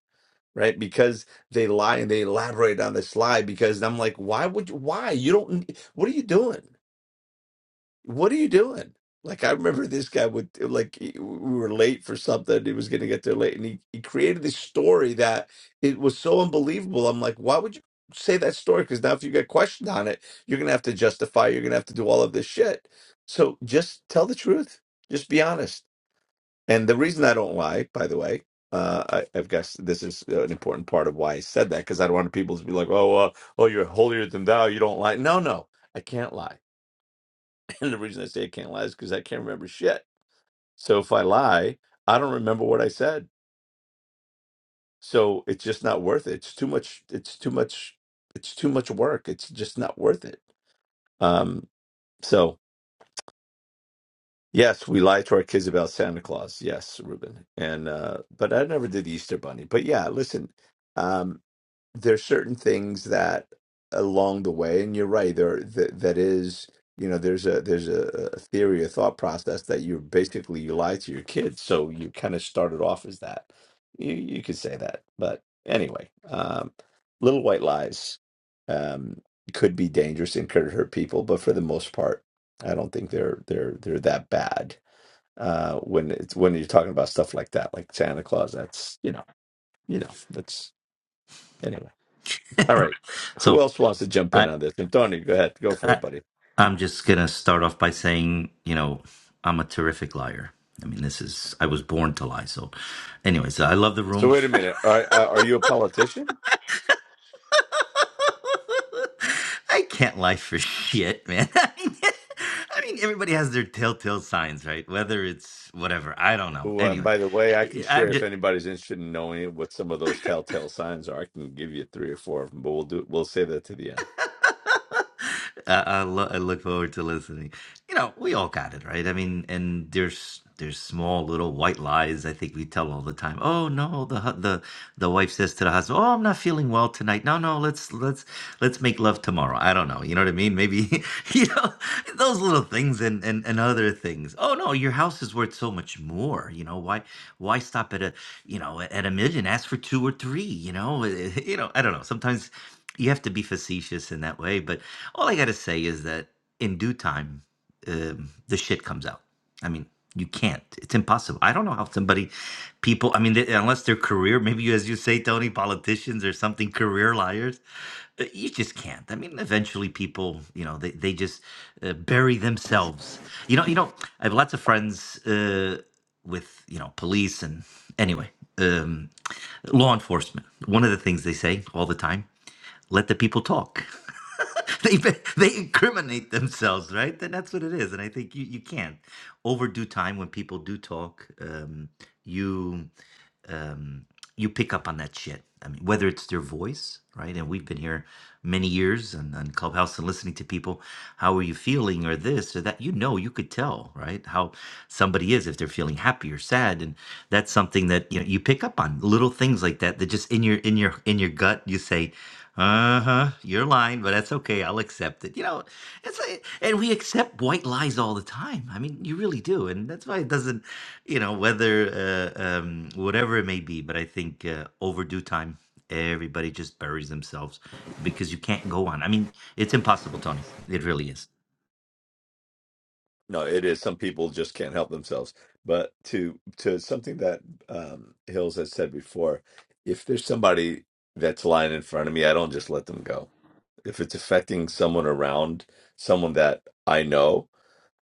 right because they lie and they elaborate on this lie because i'm like why would you why you don't what are you doing what are you doing? Like I remember this guy would uh, like he- we were late for something. He was going to get there late, and he, he created this story that it was so unbelievable. I'm like, why would you say that story? Because now if you get questioned on it, you're going to have to justify. You're going to have to do all of this shit. So just tell the truth. Just be honest. And the reason I don't lie, by the way, uh, I, I've guess this is an important part of why I said that because I don't want people to be like, oh, uh, oh, you're holier than thou. You don't lie. No, no, I can't lie. And the reason I say I can't lie is because I can't remember shit. So if I lie, I don't remember what I said. So it's just not worth it. It's too much. It's too much. It's too much work. It's just not worth it. Um. So yes, we lie to our kids about Santa Claus. Yes, Ruben. And uh, but I never did the Easter Bunny. But yeah, listen. Um, there's certain things that along the way and you're right there that that is you know there's a there's a, a theory a thought process that you're basically you lie to your kids so you kind of started off as that you you could say that but anyway um little white lies um could be dangerous and could hurt people but for the most part i don't think they're they're they're that bad uh when it's when you're talking about stuff like that like santa claus that's you know you know that's anyway all right. Who So else wants to jump in I, on this? Antonio, go ahead. Go for I it, buddy. I'm just gonna start off by saying, you know, I'm a terrific liar. I mean, this is I was born to lie. So, anyways, I love the So room. wait a minute. Are are are you a politician? [LAUGHS] I can't lie for shit, man. [LAUGHS] I mean, I mean, everybody has their telltale signs, right? Whether it's whatever, I don't know. Ooh, and Anyway, by the way, I can share if anybody's interested in knowing what some of those telltale signs are. I can give you three or four of them, but we'll do we'll say that to the end. [LAUGHS] I, I, lo- I look forward to listening. You know, we all got it, right? I mean, and there's there's small little white lies I think we tell all the time. Oh no, the hu- the the wife says to the husband, "Oh, I'm not feeling well tonight. No, no, let's let's let's make love tomorrow." I don't know. You know what I mean? Maybe [LAUGHS] you know those little things and and and other things. Oh no, your house is worth so much more. You know why why stop at a you know at a million? Ask for two or three. You know [LAUGHS] you know I don't know. Sometimes you have to be facetious in that way. But all I got to say is that in due time, um, the shit comes out. I mean, you can't. It's impossible. I don't know how somebody, people, I mean, they, unless they're career, maybe you, as you say, Tony, politicians or something, career liars, uh, you just can't. I mean, eventually people, you know, they, they just uh, bury themselves. You know, you know, I have lots of friends uh, with, you know, police and anyway, um, law enforcement. One of the things they say all the time let the people talk. [LAUGHS] they they incriminate themselves, right? And that's what it is. And I think you you can't overdo time when people do talk. Um, you um, you pick up on that shit. I mean, whether it's their voice, right? And we've been here many years and on Clubhouse and listening to people, how are you feeling or this or that? You know, you could tell, right? How somebody is if they're feeling happy or sad, and that's something that you know you pick up on little things like that. That just in your in your in your gut, you say, "Uh huh, you're lying, but that's okay. I'll accept it." You know, it's like, and we accept white lies all the time. I mean, you really do, and that's why it doesn't you know whether uh, um, whatever it may be but i think uh, over due time everybody just buries themselves because you can't go on i mean it's impossible tony it really is No, it is. Some people just can't help themselves. But to to something that um, Hills has said before, if there's somebody that's lying in front of me, I don't just let them go. If it's affecting someone around, someone that I know,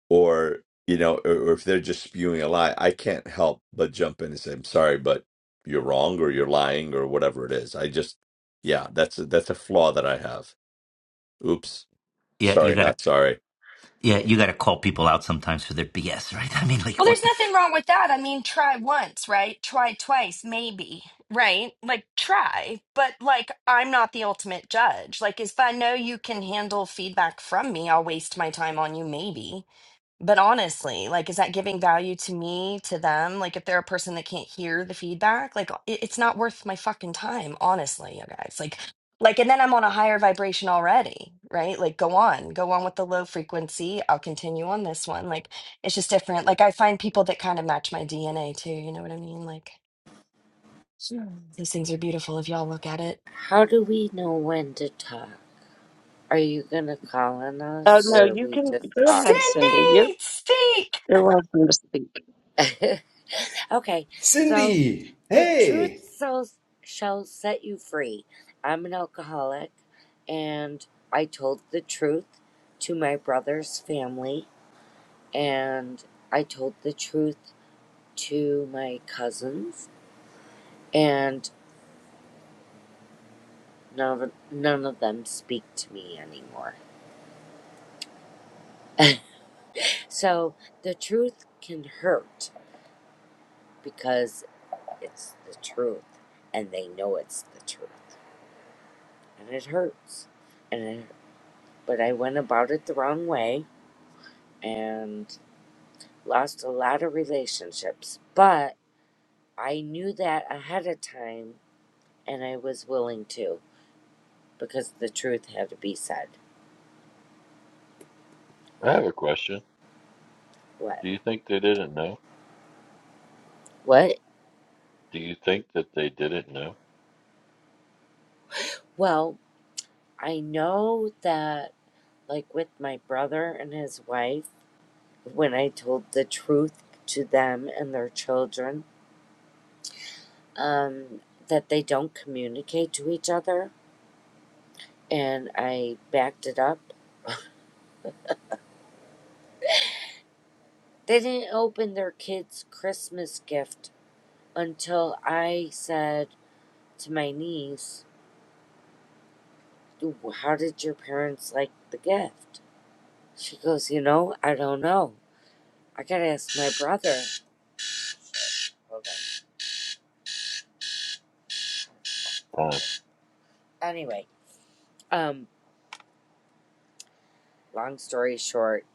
or you know or, or if they're just spewing a lie i can't help but jump in and say i'm sorry but you're wrong or you're lying or whatever it is i just yeah that's a, that's a flaw that i have oops yeah you sorry gotta not sorry yeah you gotta call people out sometimes for their bs right [LAUGHS] i mean like Well, what there's the nothing wrong with that. I mean, try once, right? Try twice, maybe, right? Like, try, but like, I'm not the ultimate judge. Like, if I know you can handle feedback from me, I'll waste my time on you, maybe. But honestly, like, is that giving value to me, to them? Like, if they're a person that can't hear the feedback, like, it, it's not worth my fucking time, honestly, you guys. Like, like, and then I'm on a higher vibration already, right? Like, go on, go on with the low frequency. I'll continue on this one. Like, it's just different. Like, I find people that kind of match my DNA too. You know what I mean? Like, those things are beautiful if y'all look at it. How do we know when to talk? Are you going to call on uh, us no, or you we can just go talk? ahead, Cindy. You're Cindy, speak. you're welcome to speak. [LAUGHS] okay, so Cindy, the truth hey, so, shall set you free. I'm an alcoholic and I told the truth to my brother's family and I told the truth to my cousins and none of, none of them speak to me anymore. So the truth can hurt because it's the truth and they know it's the truth and it hurts and it, but i went about it the wrong way and lost a lot of relationships but i knew that ahead of time and i was willing to because the truth had to be said I and have a question. what Do you think they didn't know? what Do you think that they didn't know? well i know that like with my brother and his wife when i told the truth to them and their children um, that they don't communicate to each other, and I backed it up. They didn't open their kids' Christmas gift until I said to my niece, How did your parents like the gift? She goes, You know, I don't know. I gotta ask my brother. Time. Anyway, um, long story short,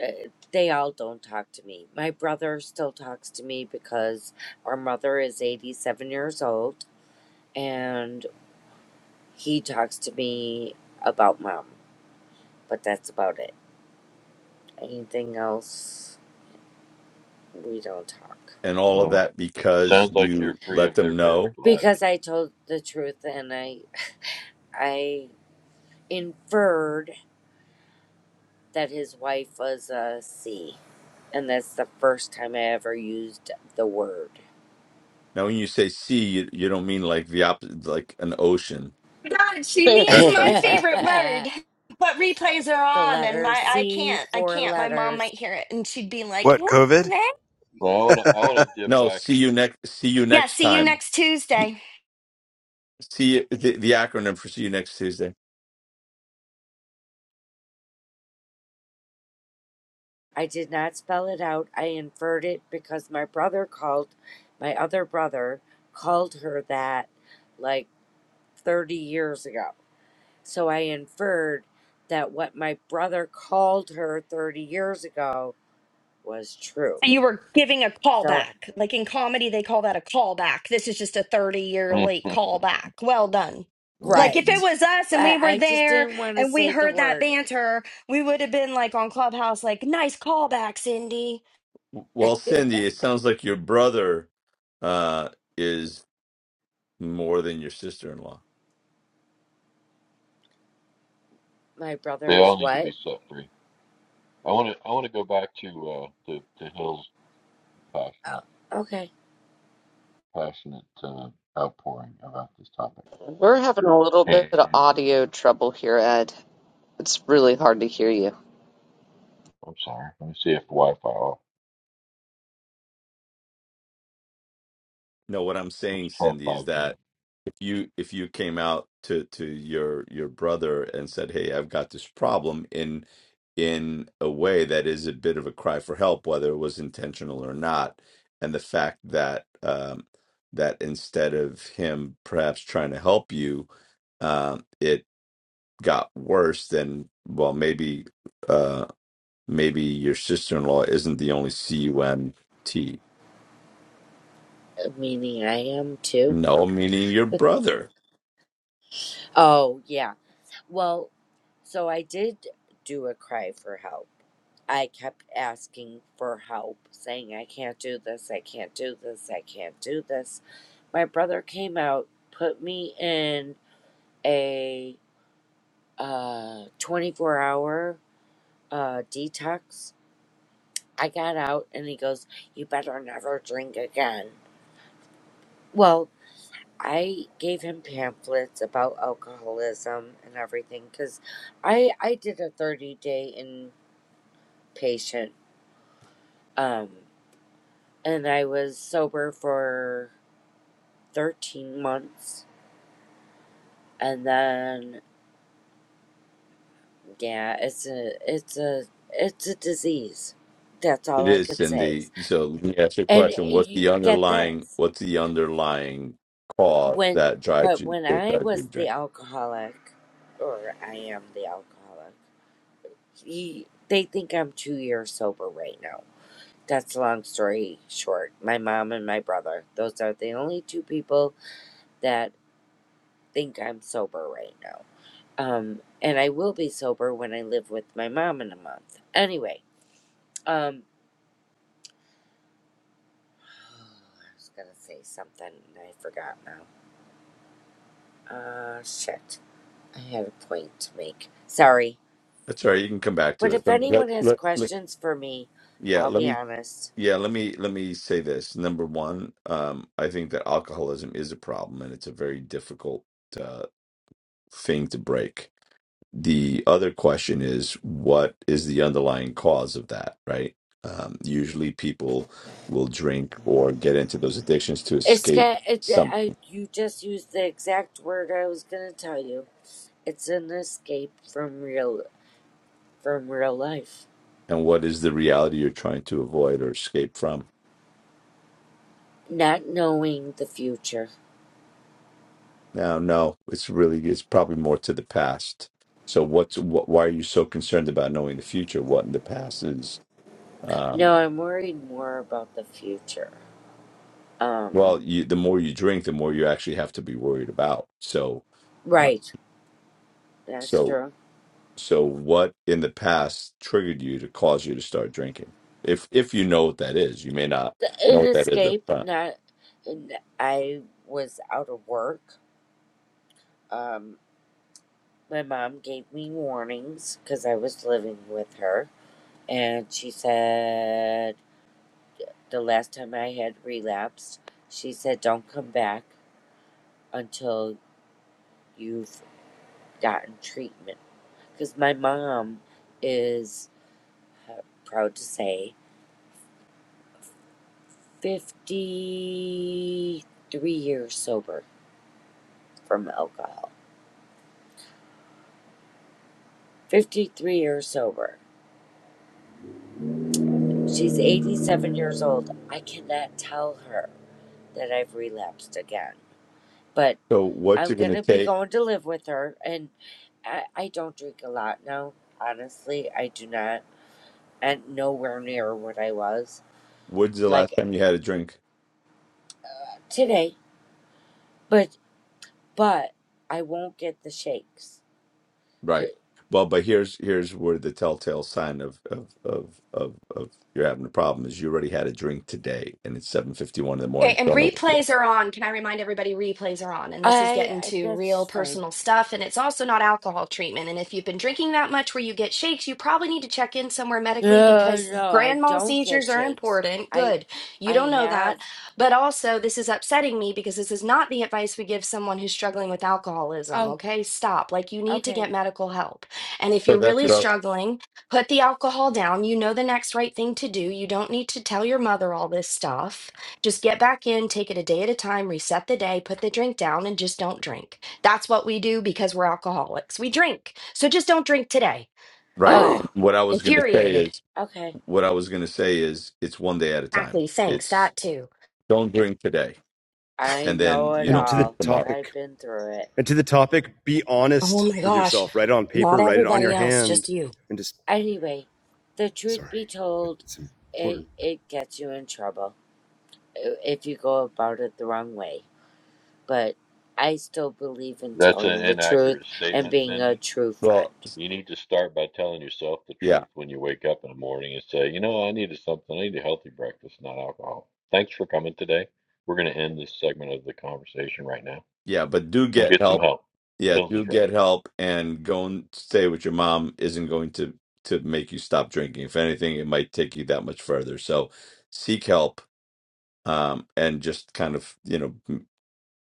uh, they all don't talk to me. My brother still talks to me because our mother is 87 years old and He talks to me about mom, but that's about it. Anything else, we don't talk. and all of Well, that because sounds like you're you free let of their them know perfect Because lives. I told the truth and I I inferred that his wife was a C. And that's the first time I ever used the word. now when you say see you, you don't mean like the opposite like an ocean God, she [LAUGHS] [LAUGHS] [LAUGHS] means [LAUGHS] my favorite word. the But replays are on, and letter my Uh, I C, can't, I four can't. My mom letters. might hear it, and she'd be like, What, "Yeah, COVID? man. But I want to. I want to dip no back. see you next see you Yeah, next see you time next Tuesday." see the, the acronym for see you next tuesday I did not spell it out. I inferred it because my brother called, my other brother called her that like. 30 years ago. So I inferred that what my brother called her 30 years ago was true. So you were giving a So, callback, like in comedy, they call that a callback. This is just a thirty-year late [LAUGHS] callback. Well done. Like if it Mhm. right. was us and I, we were I just there didn't want to and we say the heard that word. banter, we would have been like on Clubhouse, like, "Nice callback, Cindy." Well, [LAUGHS] Cindy, it sounds like your brother uh, is more than your sister-in-law. My They brother is all need to what? be set free. I want to. I want to go back to uh, to to Hill's Oh, passionate okay. passionate uh, outpouring about this topic. We're having a little bit of And audio trouble here, Ed. It's really hard to hear you. I'm sorry. Let me see if Wi-Fi off. No, what I'm saying, Let's try Cindy, is 5G. that if you if you came out to to your your brother and said, "Hey, I've got this problem," in in a way that is a bit of a cry for help, whether it was intentional or not, and the fact that um, that instead of him perhaps trying to help you, um, it got worse. Then, well, maybe. uh, Maybe your sister in law isn't the only C U M T. Meaning I am too. No, meaning your [LAUGHS] brother. Oh, yeah. Well, so I did do a cry for help. I kept asking for help, saying, I can't do this, I can't do this, I can't do this. My brother came out, put me in a uh, 24 hour uh, detox. I got out and he goes, You better never drink again. Well, I gave him pamphlets about alcoholism and everything because I, I did a 30 day inpatient um, and I was sober for 13 months and then yeah it's a it's a it's a disease that's It all i is, could say Cindy. So let me ask you a and question. What's you the get underlying this what's the underlying cause when that drives but you when that i drives you was to the drink? alcoholic or i am the alcoholic he, they think i'm two years sober right now that's a long story short my mom and my brother those are the only two people that think i'm sober right now Um, and I will be sober when I live with my mom in a month. Anyway, um, [SIGHS] I was gonna say something and I forgot now. Uh, shit. I had a point to make. Sorry. That's all right, you can come back to But it. if Let me let, anyone has let, let- questions for me, yeah, I'll let be me honest. yeah, let me let me say this. Number one, um, I think that alcoholism is a problem and it's a very difficult uh, thing to break the other question is what is the underlying cause of that right um, usually people will drink or get into those addictions to It's escape ga- it, uh, something I, you just used the exact word I was gonna tell you. It's an escape from real from real life. and what is the reality you're trying to avoid or escape from Not knowing the future. now no it's really it's probably more to the past so what's what, why are you so concerned about knowing the future what in the past is um, No, I'm worried more about the future. Um, well you, the more you drink the more you actually have to be worried about so uh, Right, that's so true. So what in the past triggered you to cause you to start drinking? If if you know what that is, you may not Th- know An what that is up escape. front. Not, and I was out of work. Um, my mom gave me warnings because I was living with her, and she said the last time I had relapsed, she said don't come back until you've gotten treatment. Because my mom is uh, proud to say fifty-three years sober from alcohol 53 years sober. She's 87 years old. I cannot tell her that I've relapsed again, but So what's I'm it going going to to be take? going to live with her. And I, I don't drink a lot now. Honestly, I do not. And nowhere near what I was When's the last like time you had a drink? today. But, but I won't get the shakes. I, Right. Well, but here's here's where the telltale sign of of of of, of you're having a problem is you already had a drink today and it's 7:51 in the Okay, morning. and Don't know. replays are on. Can I remind everybody replays are on? And this is getting I to real that's fine. personal stuff. And it's also not alcohol treatment. And if you've been drinking that much where you get shakes, you probably need to check in somewhere medically No, because no, I grand mal don't get seizures are shakes. important. I, Good. You don't I know that. have, But also, this is upsetting me because this is not the advice we give someone who's struggling with alcoholism. oh, Okay, stop. Like, you need to okay. get medical help. And if So you're that's really what I, struggling, put the alcohol down. You know the next right thing to do. You don't need to tell your mother all this stuff just get back in, take it a day at a time, reset the day, put the drink down, and just don't drink. That's what we do because we're alcoholics. We drink. So just don't drink today. Okay. right. Oh, What I was going to say infuriated. is Okay. what I was going to say is it's one day at a time. Exactly. Thanks. It's That too. don't drink today I and then know you it and don't to the drink all. tomorrow I've topic, been through it. and to the topic, be Oh honest my with gosh. yourself. Write it on Not paper, write it on everybody your else, just hand, you. and just Anyway, the truth be sorry, but told, it's important. it it gets you in trouble i- if you go about it the wrong way. But I still believe in That's an telling the truth inaccurate and statement, being a Cindy. true friend. Well, You need to start by telling yourself the yeah, truth when you wake up in the morning and say, you know, I needed something. I need a healthy breakfast, not alcohol. Thanks for coming today. We're going to end this segment of the conversation right now. yeah, but do We'll get get some help. help. Yeah, Hills is do right. get help, and go and stay with your mom isn't going to to make you stop drinking. If anything, it might take you that much further. So seek help, um, and just kind of you know m-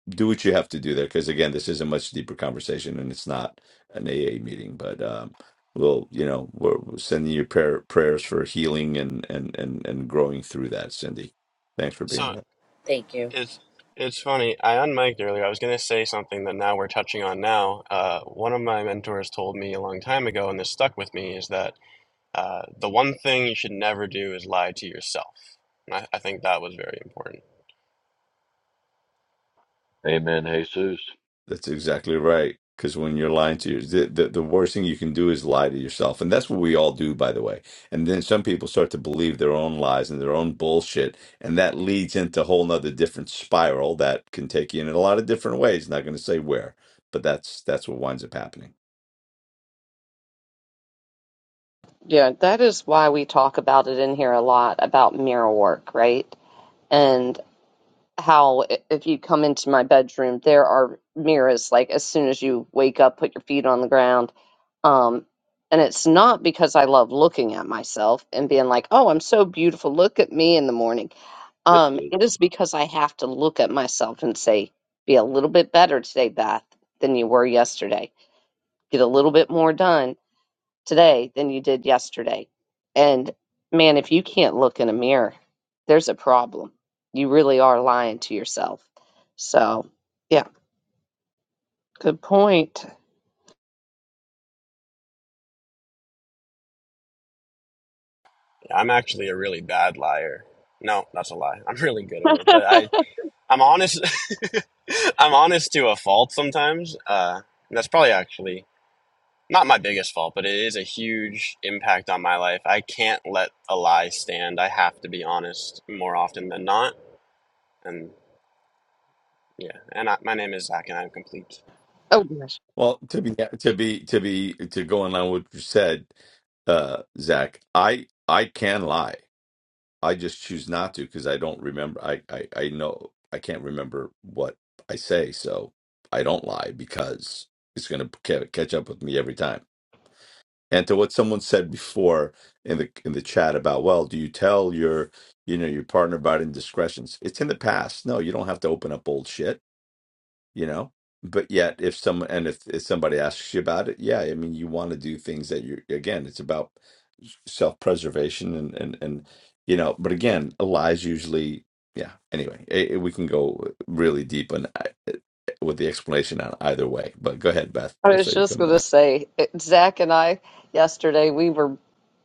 do what you have to do there. Because again, this is a much deeper conversation, and it's not an AA meeting, but um, we'll you know we're we're sending you prayer prayers for healing and and and and growing through that, Cindy. Thanks for being So here. Thank you. it's it's funny. I unmiked earlier. I was going to say something that now we're touching on now. Uh, one of my mentors told me a long time ago, and this stuck with me, is that Uh, the one thing you should never do is lie to yourself. And I, I think that was very important. Amen, Jesus. That's exactly right. Because when you're lying to your, the, the the worst thing you can do is lie to yourself, and that's what we all do, by the way. And then some people start to believe their own lies and their own bullshit, and that leads into a whole nother different spiral that can take you in a lot of different ways. Not going to say where, but that's that's what winds up happening. Yeah, that is why we talk about it in here a lot about mirror work, right? how i- if you come into my bedroom, there are mirrors like as soon as you wake up, put your feet on the ground. Um, and it's not because I love looking at myself and being like, oh, I'm so beautiful. Look at me in the morning. Yes, it Um, is. it is because I have to look at myself and say, be a little bit better today, Beth, than you were yesterday. Get a little bit more done today than you did yesterday. And man, if you can't look in a mirror, there's a problem. You really are lying to yourself. So, yeah, good point. Yeah, I'm actually a really bad liar. No, that's a lie. [LAUGHS] I'm really good [LAUGHS] at it, but oh, I I'm honest. [LAUGHS] I'm honest to a fault sometimes. Uh, and that's probably actually not my biggest fault, but it is a huge impact on my life. I can't let a lie stand. I have to be honest more often than not. And yeah, and I, my name is Zach, and I'm complete. gosh. Well, to be to be to be to go in with what you said, uh, Zach, I I can lie. I just choose not to because I don't remember. I, I I know I can't remember what I say, so I don't lie because it's going to catch up with me every time. And to what someone said before in the in the chat about, well, do you tell your you know your partner about indiscretions? It's in the past. No, you don't have to open up old shit you know but yet if someone and if, if somebody asks you about it yeah i mean you want to do things that you again it's about self-preservation and and and you know but again lies usually yeah anyway eh, eh, we can go really deep on eh, with the explanation on either way but go ahead beth i I saw was you just coming going to in say, it- Zach and I yesterday, we were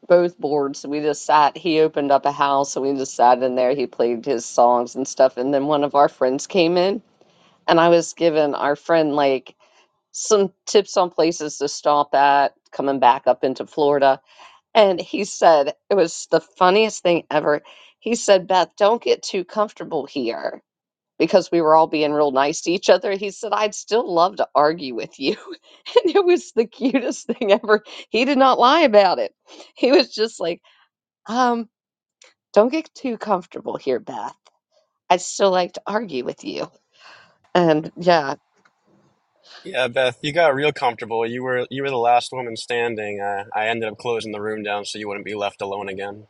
both bored. So we just sat, he opened up a house and we just sat in there. He played his songs and stuff. And then one of our friends came in and I was giving our friend like some tips on places to stop at coming back up into Florida. And he said, it was the funniest thing ever. He said, Beth, don't get too comfortable here because we were all being real nice to each other. He said, I'd still love to argue with you. [LAUGHS] And it was the cutest thing ever. He did not lie about it. He was just like, um, don't get too comfortable here, Beth. I'd still like to argue with you. And yeah, Yeah, Beth, you got real comfortable. You were you were the last woman standing. Uh, I ended up closing the room down so you wouldn't be left alone again,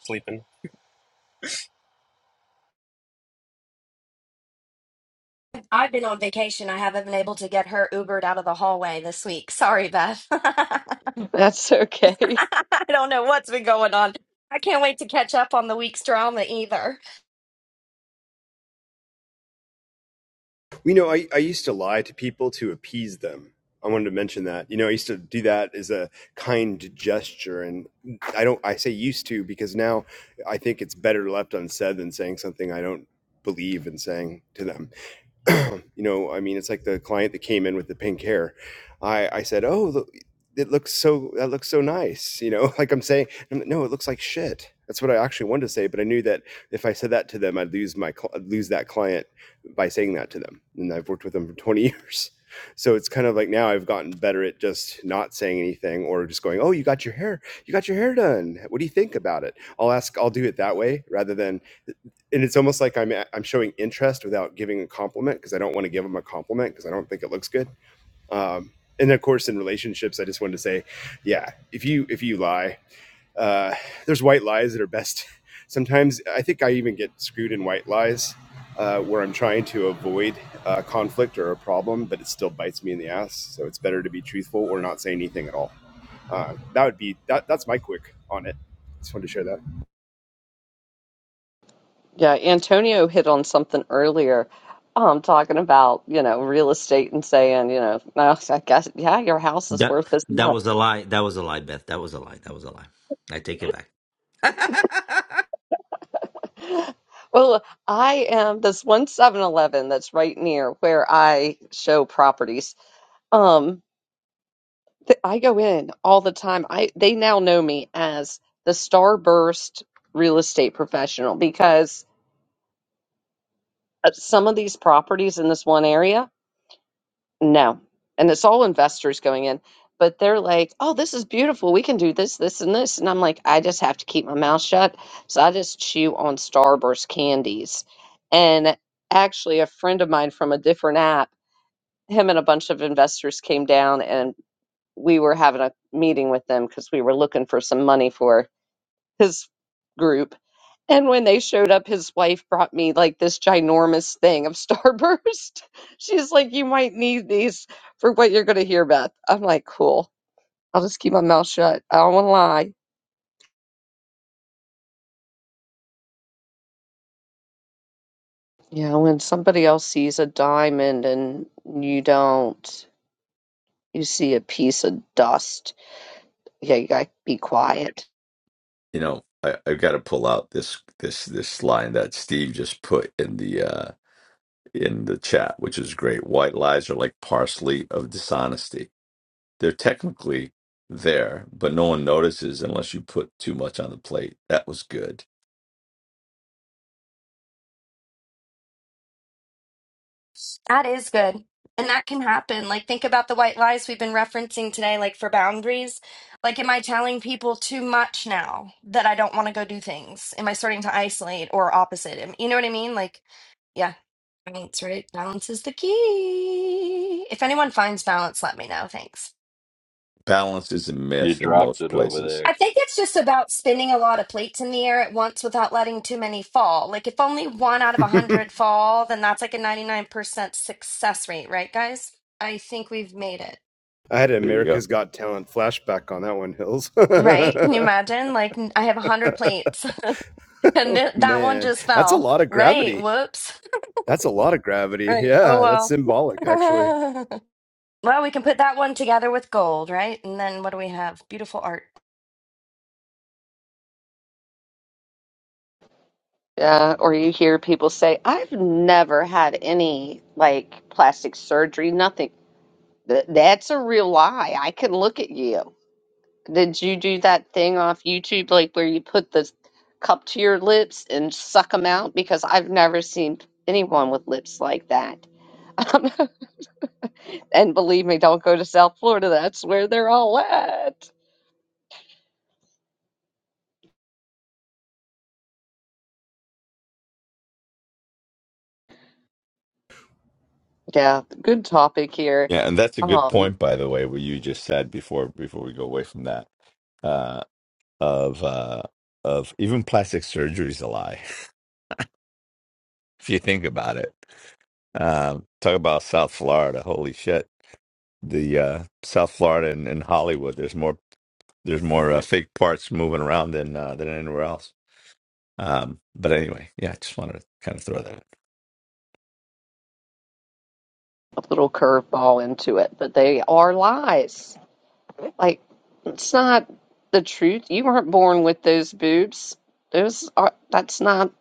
sleeping. I've been on vacation. I haven't been able to get her Ubered out of the hallway this week. Sorry, Beth. [LAUGHS] I [LAUGHS] that's okay. don't know what's been going on. I can't wait to catch up on the week's drama either. You know, I, I used to lie to people to appease them. I wanted to mention that. You know, I used to do that as a kind gesture. And I don't, I say used to because now I think it's better left unsaid than saying something I don't believe in saying to them. [CLEARS THROAT] you know, I mean, it's like the client that came in with the pink hair. I, I said, Oh, look, it looks so, that looks so nice. You know, [LAUGHS] like I'm saying, I'm like, no, it looks like shit. That's what I actually wanted to say. But I knew that if I said that to them, I'd lose my, cl- I'd lose that client by saying that to them. And I've worked with them for [LAUGHS] 20 years. So it's kind of like now I've gotten better at just not saying anything or just going, "Oh, you got your hair, you got your hair done. What do you think about it?" I'll ask, I'll do it that way rather than, and it's almost like I'm I'm showing interest without giving a compliment because I don't want to give them a compliment because I don't think it looks good. Um, and of course, in relationships, I just wanted to say, yeah, if you if you lie, uh, there's white lies that are best. [LAUGHS] Sometimes I think I even get screwed in white lies uh, where I'm trying to avoid uh, conflict or a problem, but it still bites me in the ass. So it's better to be truthful or not say anything at all. Uh, that would be that. That's my quick on it. Just wanted to share that. Yeah, Antonio hit on something earlier, um, talking about, you know, real estate and saying, you know, "Well, I guess, yeah, your house is that worth this that much. was a lie that was a lie beth that was a lie that was a lie i take it back [LAUGHS] Well, I am this one Seven Eleven that's right near where I show properties. Um, th I go in all the time. I they now know me as the Starburst real estate professional because uh, some of these properties in this one area. No. And it's all investors going in, but they're like, oh, this is beautiful. We can do this, this, and this. And I'm like, I just have to keep my mouth shut. So I just chew on Starburst candies. And actually, a friend of mine from a different app, him and a bunch of investors came down and we were having a meeting with them because we were looking for some money for his group and when they showed up, his wife brought me like this ginormous thing of Starburst. [LAUGHS] She's like, You might need these for what you're going to hear, Beth. I'm like, Cool. I'll just keep my mouth shut. I don't want to lie. Yeah, when somebody else sees a diamond and you don't, you see a piece of dust. Yeah, you got to be quiet. you know I, i've got to pull out this this this line that steve just put in the uh in the chat which is great white lies are like parsley of dishonesty they're technically there, but no one notices unless you put too much on the plate. That was good. That is good. And that can happen. Like, think about the white lies we've been referencing today, like for boundaries. Like, am I telling people too much now that I don't want to go do things? Am I starting to isolate or opposite? Am- You know what I mean? Like, yeah, balance, right? Balance is the key. If anyone finds balance, let me know. Thanks. Balance is a You myth in dropped most it over places. I there. think it's just about spinning a lot of plates in the air at once without letting too many fall. Like, if only one out of a 100 fall, then that's like a 99% success rate, right, guys? I think we've made it. I had an There you go. America's Got Talent flashback on that one, Hills. [LAUGHS] Right? Can you oh, imagine? Like, n- I have a hundred plates, [LAUGHS] and th that one man, just that's a fell. lot of Right? gravity. Whoops. [LAUGHS] That's a lot of gravity. Right. Oh Yeah, that's well. symbolic, actually. [LAUGHS] Well, we can put that one together with gold, right? And then what do we have? Beautiful art. Yeah, or you hear people say, I've never had any like plastic surgery, nothing. Th- that's a real lie. I can look at you. Did you do that thing off YouTube, like where you put the cup to your lips and suck them out? Because I've never seen anyone with lips like that. [LAUGHS] and believe me, don't go to South Florida. That's where they're all at. Yeah, good topic here. Yeah, and that's a good Um, point, by the way, what you just said before before we go away from that. Uh, of uh, of even plastic surgery is a lie, [LAUGHS] if you think about it. Um, talk about South Florida. Holy shit, the uh, South Florida and, and Hollywood. There's more there's more uh, fake parts moving around than uh, than anywhere else. Um, but anyway, yeah, I just wanted to kind of throw that. out. a little curveball into it, but they are lies. Like, it's not the truth. You weren't born with those boobs. Those are, that's not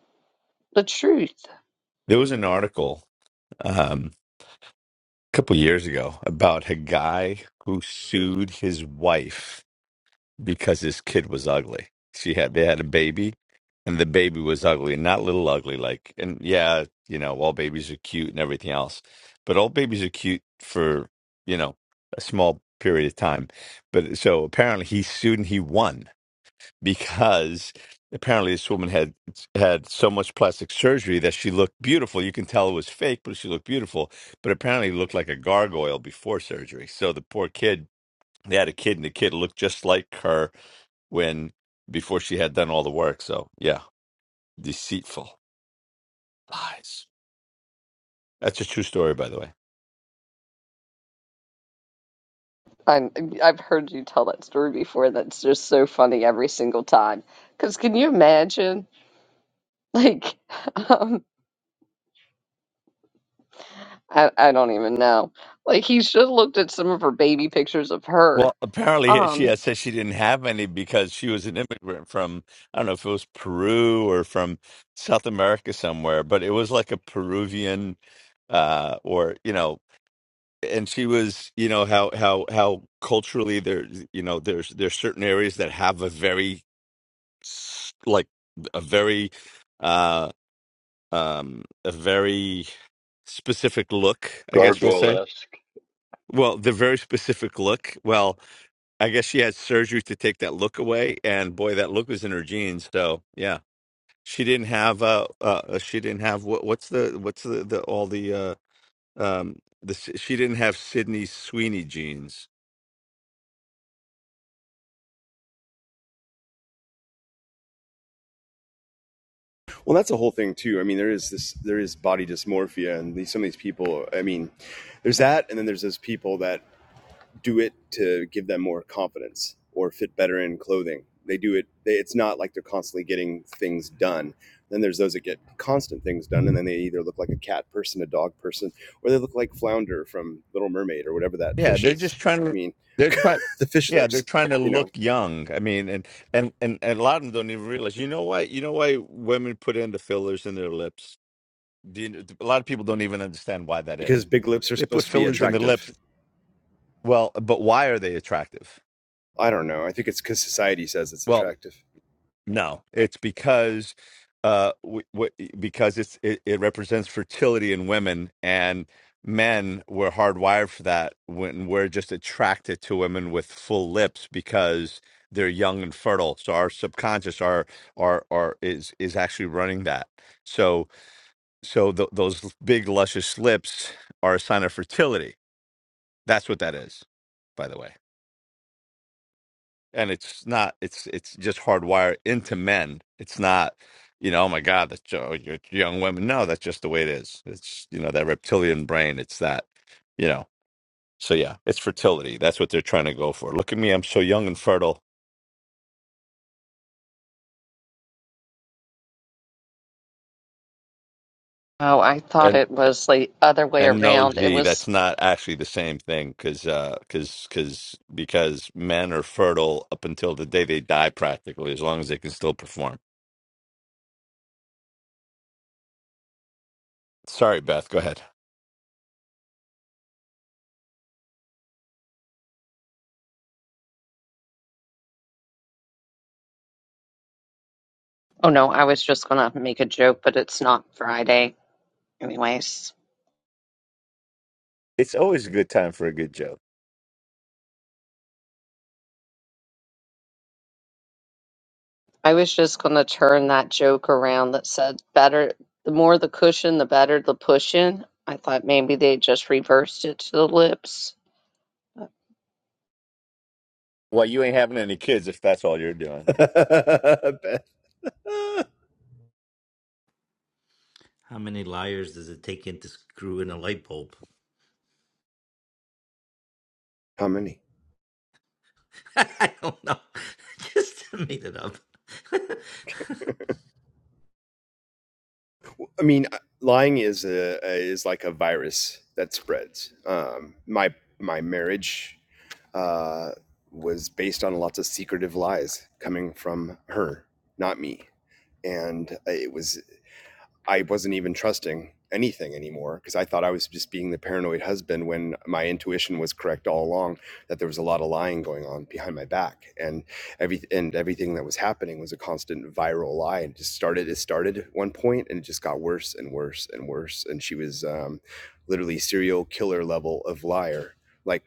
the truth. There was an article um, a couple years ago about a guy who sued his wife because his kid was ugly. She had they had a baby, and the baby was ugly, not little ugly. Like, and yeah, you know, all babies are cute and everything else, but all babies are cute for you know a small period of time. But so apparently he sued and he won because apparently this woman had had so much plastic surgery that she looked beautiful. You can tell it was fake, but she looked beautiful. But apparently looked like a gargoyle before surgery. So the poor kid, they had a kid, and the kid looked just like her when before she had done all the work. So yeah, deceitful lies. That's a true story, by the way. I'm, I've heard you tell that story before. That's just so funny every single time. Because can you imagine? Like, [LAUGHS] um, I, I don't even know. Like, he should have looked at some of her baby pictures of her. Well, apparently yeah, she Um, had said she didn't have any because she was an immigrant from, I don't know if it was Peru or from South America somewhere, but it was like a Peruvian uh or, you know, and she was, you know, how how how culturally there, you know, there's there's certain areas that have a very s- like a very uh um a very specific look, I guess we'll say. Gargoyle-esque. Well, the very specific look. Well, I guess she had surgery to take that look away, and boy, that look was in her jeans. So yeah, she didn't have uh, uh she didn't have what what's the what's the, the all the uh um the she didn't have Sydney Sweeney jeans. Well, that's a whole thing too. I mean, there is this, there is body dysmorphia, and these, some of these people. I mean, there's that, and then there's those people that do it to give them more confidence or fit better in clothing. They do it. They, it's not like they're constantly getting things done. Then there's those that get constant things done, and then they either look like a cat person, a dog person, or they look like Flounder from Little Mermaid or whatever that Yeah, fish they're is. just trying I to mean, they're trying [LAUGHS] the fish yeah they're lips, trying to you look know, young. I mean, and and and, and a lot of them don't even realize. You know why? You know why women put in the fillers in their lips? Do you, a lot of people don't even understand why that because is. big lips are They put supposed to be fillers in their lips. attractive. Well, but why are they attractive? I don't know. I think it's because society says it's Well, attractive. No, it's because uh w- w- because it's it, it represents fertility in women and men were hardwired for that when we're just attracted to women with full lips because they're young and fertile. So our subconscious our our our is is actually running that. So so th- those big luscious lips are a sign of fertility. That's what that is, by the way and it's not it's it's just hardwired into men it's not you know oh my god that's oh, you're young women no that's just the way it is it's you know that reptilian brain it's that you know so yeah it's fertility that's what they're trying to go for look at me i'm so young and fertile oh, I thought and it was the other way and no around. It Z. was, that's not actually the same thing because uh because because because men are fertile up until the day they die practically as long as they can still perform sorry beth go ahead oh no, I was just gonna make a joke, but it's not Friday. Anyways. it's always a good time for a good joke I was just going to turn that joke around that said better the more the cushion, the better the pushing. I thought maybe they just reversed it to the lips. Well, you ain't having any kids if that's all you're doing. [LAUGHS] How [LAUGHS] how many liars does it take in to screw in a light bulb many? [LAUGHS] i don't know [LAUGHS] just made it up [LAUGHS] I mean, lying is a, a is like a virus that spreads. Um, my my marriage uh, was based on lots of secretive lies coming from her, not me, and it was I wasn't even trusting anything anymore because I thought I was just being the paranoid husband when my intuition was correct all along that there was a lot of lying going on behind my back and every and everything that was happening was a constant viral lie and just started it started at one point and it just got worse and worse and worse and she was um, literally serial killer level of liar like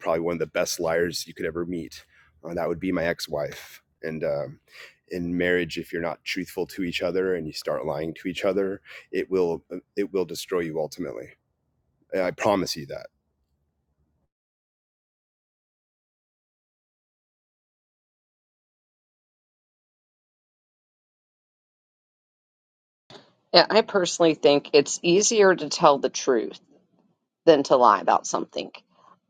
probably one of the best liars you could ever meet uh, that would be my ex-wife and um, in marriage if you're not truthful to each other and you start lying to each other it will it will destroy you ultimately i promise you that Yeah, I personally think it's easier to tell the truth than to lie about something.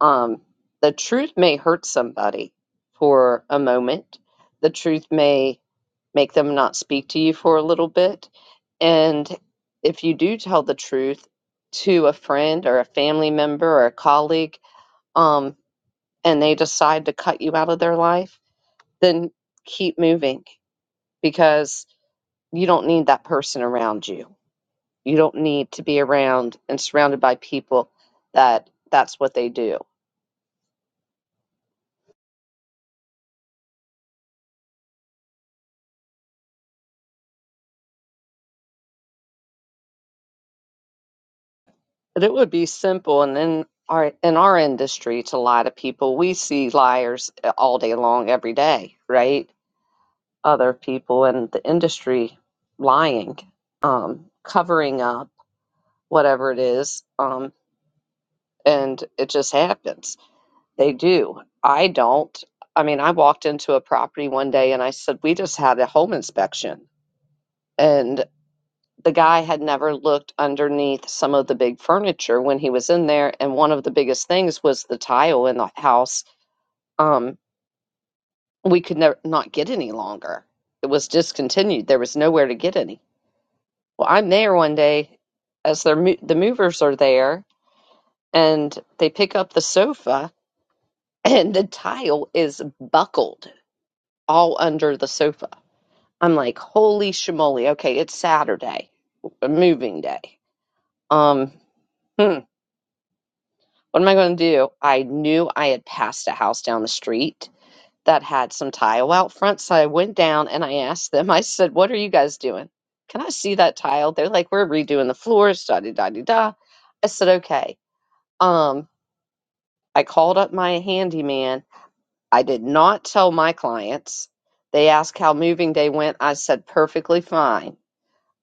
Um, the truth may hurt somebody for a moment. The truth may make them not speak to you for a little bit. And if you do tell the truth to a friend or a family member or a colleague, um, and they decide to cut you out of their life, then keep moving because you don't need that person around you. You don't need to be around and surrounded by people that that's what they do. But it would be simple and then our in our industry to lie to people. We see liars eh, all day long every day, right? Other people in the industry lying, um, covering up whatever it is, um, and it just happens They do. I don't. I mean, I walked into a property one day and I said, We just had a home inspection. And the guy had never looked underneath some of the big furniture when he was in there. And one of the biggest things was the tile in the house. Um, we could never not get any longer. It was discontinued. There was nowhere to get any. Well, I'm there one day as they mo- the movers are there and they pick up the sofa and the tile is buckled all under the sofa I'm like, holy shmoly. Okay, it's Saturday, a moving day. Um, hmm, what am I going to do? I knew I had passed a house down the street that had some tile out front. So I went down and I asked them, I said, what are you guys doing? Can I see that tile? They're like, we're redoing the floors, da da da da da. I said, okay. Um, I called up my handyman. I did not tell my clients. They asked how moving day went. I said, perfectly fine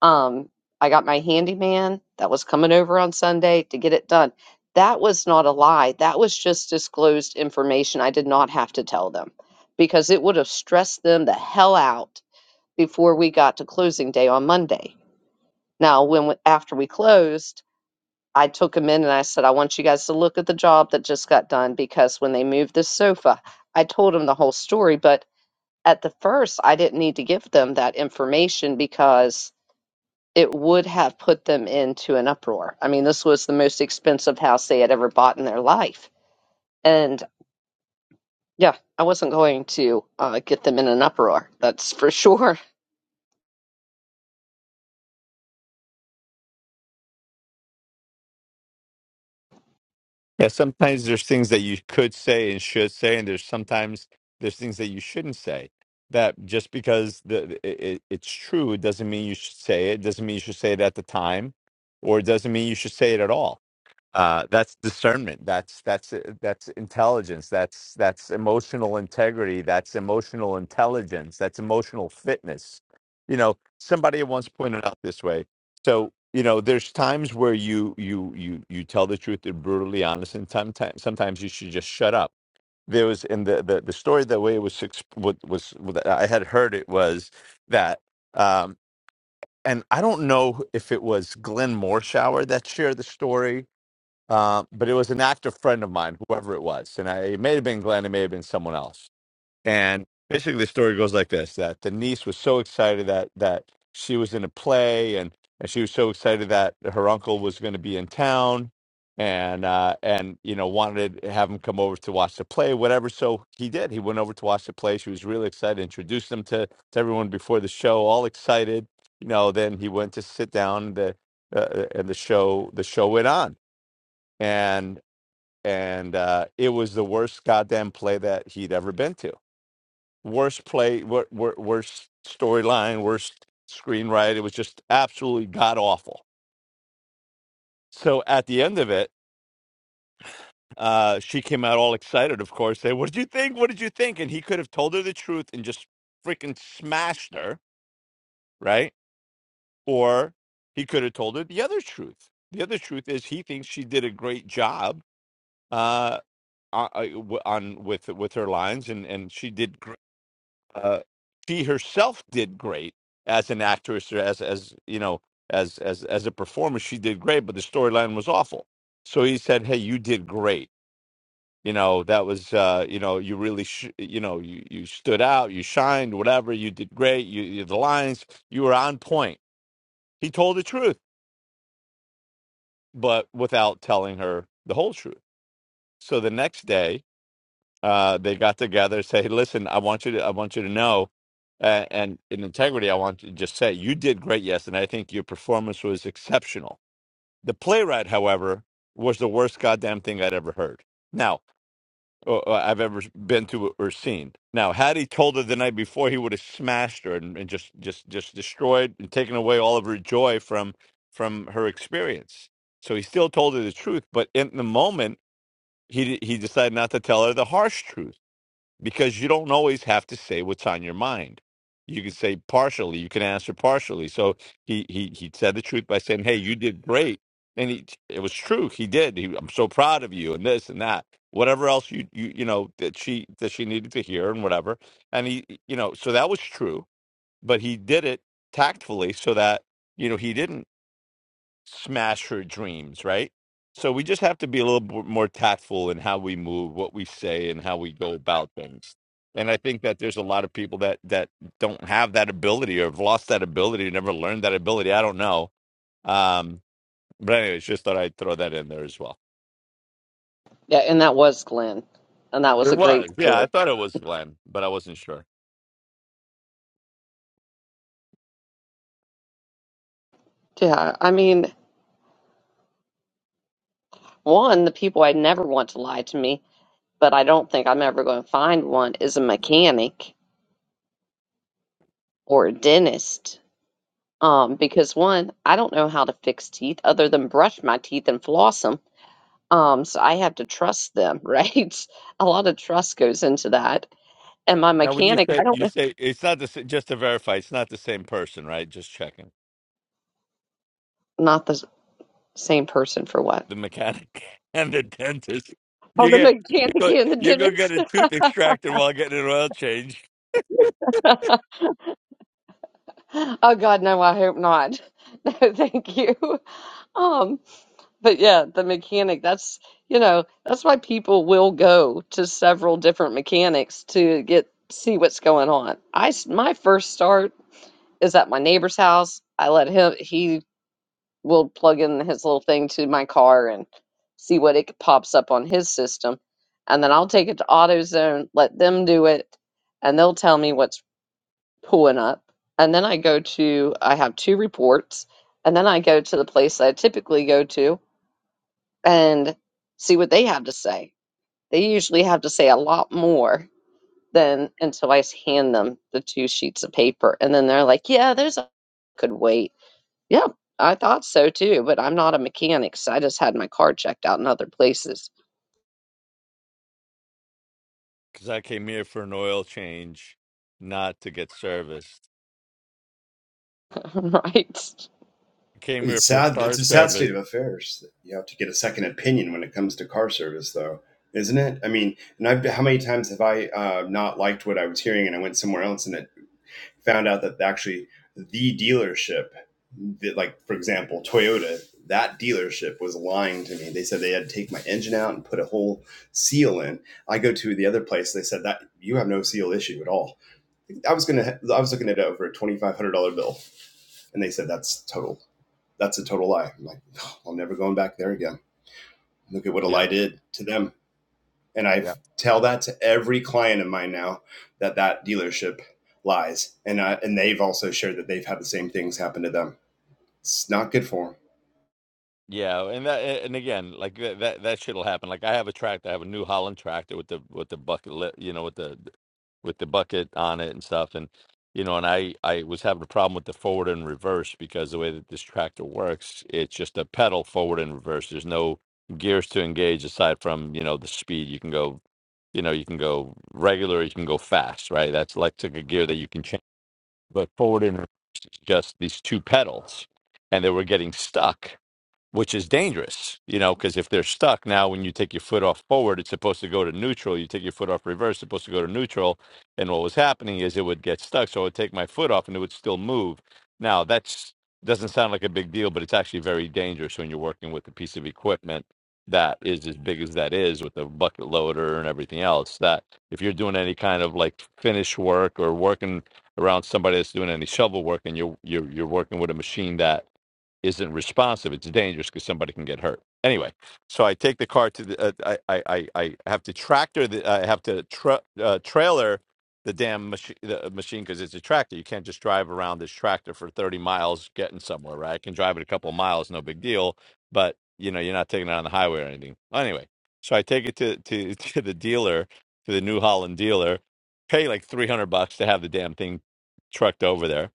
Um, I got my handyman that was coming over on Sunday to get it done. That was not a lie. That was just disclosed information. I did not have to tell them because it would have stressed them the hell out before we got to closing day on Monday. Now, when we- after we closed, I took them in and I said, I want you guys to look at the job that just got done because when they moved this sofa, I told them the whole story. But at the first, I didn't need to give them that information because it would have put them into an uproar. I mean, this was the most expensive house they had ever bought in their life. And yeah, I wasn't going to uh, get them in an uproar. That's for sure. [LAUGHS] Yeah, sometimes there's things that you could say and should say, and there's sometimes there's things that you shouldn't say. That just because the it, it's true, it doesn't mean you should say it. Doesn't mean you should say it at the time, or it doesn't mean you should say it at all. uh, that's discernment that's that's uh, that's intelligence that's that's emotional integrity that's emotional intelligence that's emotional fitness you know somebody once pointed out this way so you know there's times where you you you you tell the truth you're brutally honest and sometimes sometimes you should just shut up there was in the the, the story the way it was ex- what was what i had heard it was that um and i don't know if it was glenn morshower that shared the story uh, but it was an active friend of mine, whoever it was. And I, it may have been Glenn, it may have been someone else. And basically, the story goes like this that the niece was so excited that, that she was in a play, and, and she was so excited that her uncle was going to be in town. And uh, and you know wanted to have him come over to watch the play, whatever. So he did. He went over to watch the play. She was really excited. Introduced them to, to everyone before the show, all excited. You know. Then he went to sit down. The uh, and the show the show went on and and uh, it was the worst goddamn play that he'd ever been to. Worst play, wor- wor- worst storyline, worst screenwrite. It was just absolutely god awful. So at the end of it, uh, she came out all excited, of course, saying, "What did you think? What did you think?" And he could have told her the truth and just freaking smashed her, right? Or he could have told her the other truth. The other truth is he thinks she did a great job uh, on, on with with her lines, and and she did great uh, she herself did great as an actress or as as you know as as as a performer she did great but the storyline was awful so he said hey you did great you know that was uh you know you really sh- you know you you stood out you shined whatever you did great you, you the lines you were on point he told the truth but without telling her the whole truth so the next day uh, they got together, say, "Listen, I want you to, I want you to know, uh, and in integrity, I want to just say you did great yesterday. I think your performance was exceptional. The playwright, however, was the worst goddamn thing I'd ever heard. Now, uh, uh, I've ever been to or seen. Now, had he told her the night before, he would have smashed her and, and just, just, just destroyed and taken away all of her joy from from her experience. So he still told her the truth, but in the moment, he he decided not to tell her the harsh truth because you don't always have to say what's on your mind. You can say partially, you can answer partially. So he he he said the truth by saying, "Hey, you did great." And he, it was true. He did. He, I'm so proud of you, and this and that, whatever else you you you know that she that she needed to hear and whatever. And he, you know, so that was true. But he did it tactfully, so that you know he didn't smash her dreams, right? So we just have to be a little b- more tactful in how we move, what we say, and how we go about things. And I think that there's a lot of people that that don't have that ability or have lost that ability, never learned that ability. I don't know. Um, but anyways, just thought I'd throw that in there as well. Yeah, and that was Glenn. And that was It a great was, yeah, I story. thought it was Glenn, but I wasn't sure. Yeah, I mean, one, the people I never want to lie to me, but I don't think I'm ever going to find one is a mechanic or a dentist. Um, because one, I don't know how to fix teeth other than brush my teeth and floss 'em Um, so I have to trust them, [LAUGHS] right? A lot of trust goes into that. And my Now, when you mechanic, I say don't you know, say it's not the sa- just to verify, it's not the same person, right? Just checking. not the s- same person for what? the mechanic [LAUGHS] and the dentist. Oh, You the get you mechanic go and the you go get dentist. a tooth extracted while getting an oil change. [LAUGHS] oh God, no, I hope not. [LAUGHS] No, thank you. Um, but yeah, the mechanic, that's, you know, that's why people will go to several different mechanics to get see what's going on. I s- my first start is at my neighbor's house. I let him he will plug in his little thing to my car and see what it pops up on his system. And then I'll take it to AutoZone, let them do it, and they'll tell me what's pulling up. And then I go to, I have two reports, and then I go to the place I typically go to and see what they have to say. They usually have to say a lot more than until I hand them the two sheets of paper. And then they're like, yeah, there's a could wait. Yeah, I thought so too, but I'm not a mechanic, so I just had my car checked out in other places. Because I came here for an oil change, not to get serviced. [LAUGHS] Right. I came here It's for sad. car It's a sad service. state of affairs that you have to get a second opinion when it comes to car service, though, isn't it? I mean, and I've how many times have I uh, not liked what I was hearing, and I went somewhere else, and it found out that actually the dealership that like for example toyota that dealership was lying to me they said they had to take my engine out and put a whole seal in i go to the other place they said that you have no seal issue at all i was gonna i was looking at over a $2500 bill and they said that's total that's a total lie i'm like oh, i'm never going back there again look at what a Yeah, lie did to them and I yeah. tell that to every client of mine now that that dealership lies. And, uh, and they've also shared that they've had the same things happen to them. It's not good for them. Yeah, and that and again, like that that, that shit'll happen. Like I have a tractor, I have a New Holland tractor with the with the bucket, li- you know, with the with the bucket on it and stuff, and you know, and I I was having a problem with the forward and reverse because the way that this tractor works, it's just a pedal forward and reverse. There's no gears to engage aside from you know the speed. You can go, you know, you can go regular, you can go fast, right? That's electric a gear that you can change, but forward and reverse is just these two pedals, and they were getting stuck which is dangerous, you know, because if they're stuck now, when you take your foot off forward, it's supposed to go to neutral. You take your foot off reverse, it's supposed to go to neutral. And what was happening is it would get stuck. So I would take my foot off and it would still move. Now, that's doesn't sound like a big deal, but it's actually very dangerous when you're working with a piece of equipment that is as big as that is with a bucket loader and everything else. That if you're doing any kind of like finish work or working around somebody that's doing any shovel work and you're you're you're working with a machine that isn't responsive, it's dangerous because somebody can get hurt. Anyway, so I take the car to the. Uh, I, I I I have to tractor the. I have to tra- uh, trailer the damn machi- the uh, machine because it's a tractor. You can't just drive around this tractor for thirty miles getting somewhere. Right? I can drive it a couple of miles, no big deal. But you know, you're not taking it on the highway or anything. Anyway, so I take it to to [LAUGHS] to the dealer, to the New Holland dealer, pay like three hundred bucks to have the damn thing trucked over there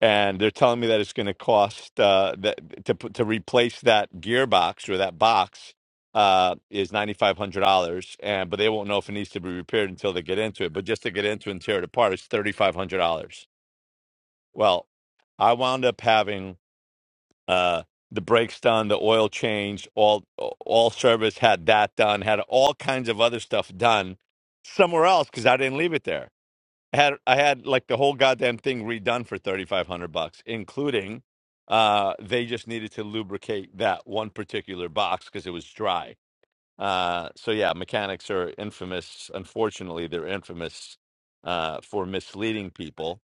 and they're telling me that it's going to cost uh, that to put- to replace that gearbox or that box uh, is ninety five hundred dollars, and but they won't know if it needs to be repaired until they get into it. But just to get into and tear it apart, it's thirty five hundred dollars. Well, I wound up having uh, the brakes done, the oil changed, all all service had that done, had all kinds of other stuff done somewhere else because I didn't leave it there I had I had like the whole goddamn thing redone for thirty five hundred bucks, including uh they just needed to lubricate that one particular box because it was dry. Uh so yeah, mechanics are infamous. Unfortunately, they're infamous uh for misleading people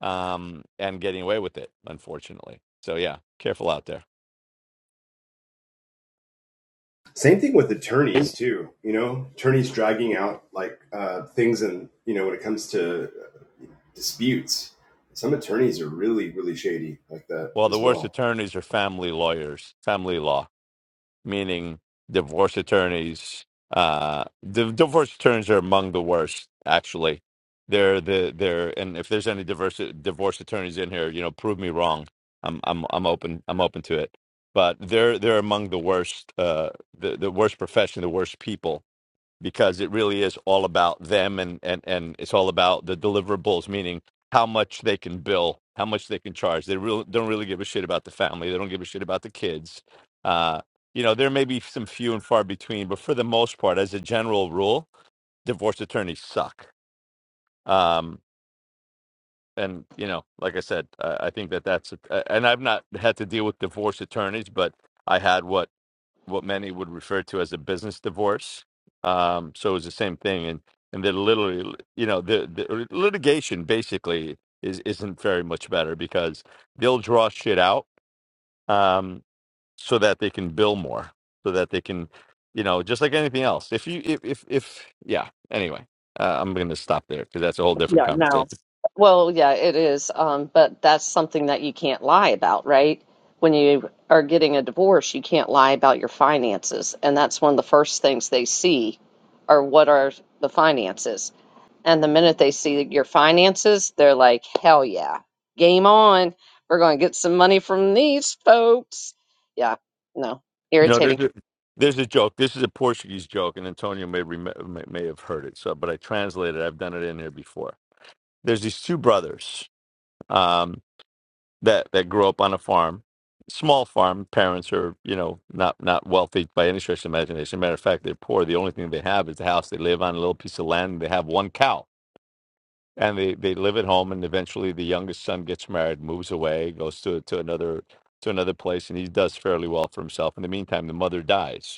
um and getting away with it, unfortunately. So yeah, careful out there. Same thing with attorneys too. You know, attorneys dragging out like uh, things, and you know, when it comes to uh, disputes, some attorneys are really, really shady like that Well, the as worst well. attorneys are family lawyers, family law. meaning divorce attorneys. Uh, the divorce attorneys are among the worst, actually. They're the they're and if there's any divorce divorce attorneys in here, you know, prove me wrong. I'm I'm I'm open I'm open to it. But they're they're among the worst uh the, the worst profession, the worst people because it really is all about them and and and it's all about the deliverables meaning how much they can bill how much they can charge they really don't really give a shit about the family they don't give a shit about the kids uh you know there may be some few and far between but for the most part as a general rule divorce attorneys suck um and you know like i said i, I think that that's uh, and i've not had to deal with divorce attorneys but i had what what many would refer to as a business divorce. Um, so it was the same thing, and and they're literally, you know, the, the litigation basically is isn't very much better because they'll draw shit out um, so that they can bill more, so that they can, you know, just like anything else. If you if if, if yeah, anyway, uh, I'm going to stop there because that's a whole different Yeah, no. conversation. Well, yeah, it is. Um, but that's something that you can't lie about, right? When you are getting a divorce, you can't lie about your finances. And that's one of the first things they see are what are the finances. And the minute they see your finances, they're like, hell yeah, game on. We're going to get some money from these folks. Yeah, no, You know, irritating. there's a there's a joke. This is a Portuguese joke, and Antonio may rem- may may have heard it. So, but I translated. I've done it in here before there's these two brothers um, that that grew up on a farm, small farm. Parents are you know not not wealthy by any stretch of imagination. Matter of fact, they're poor. The only thing they have is the house they live on, a little piece of land. They have one cow, and they they live at home. And eventually, the youngest son gets married, moves away, goes to to another to another place, and he does fairly well for himself. In the meantime, the mother dies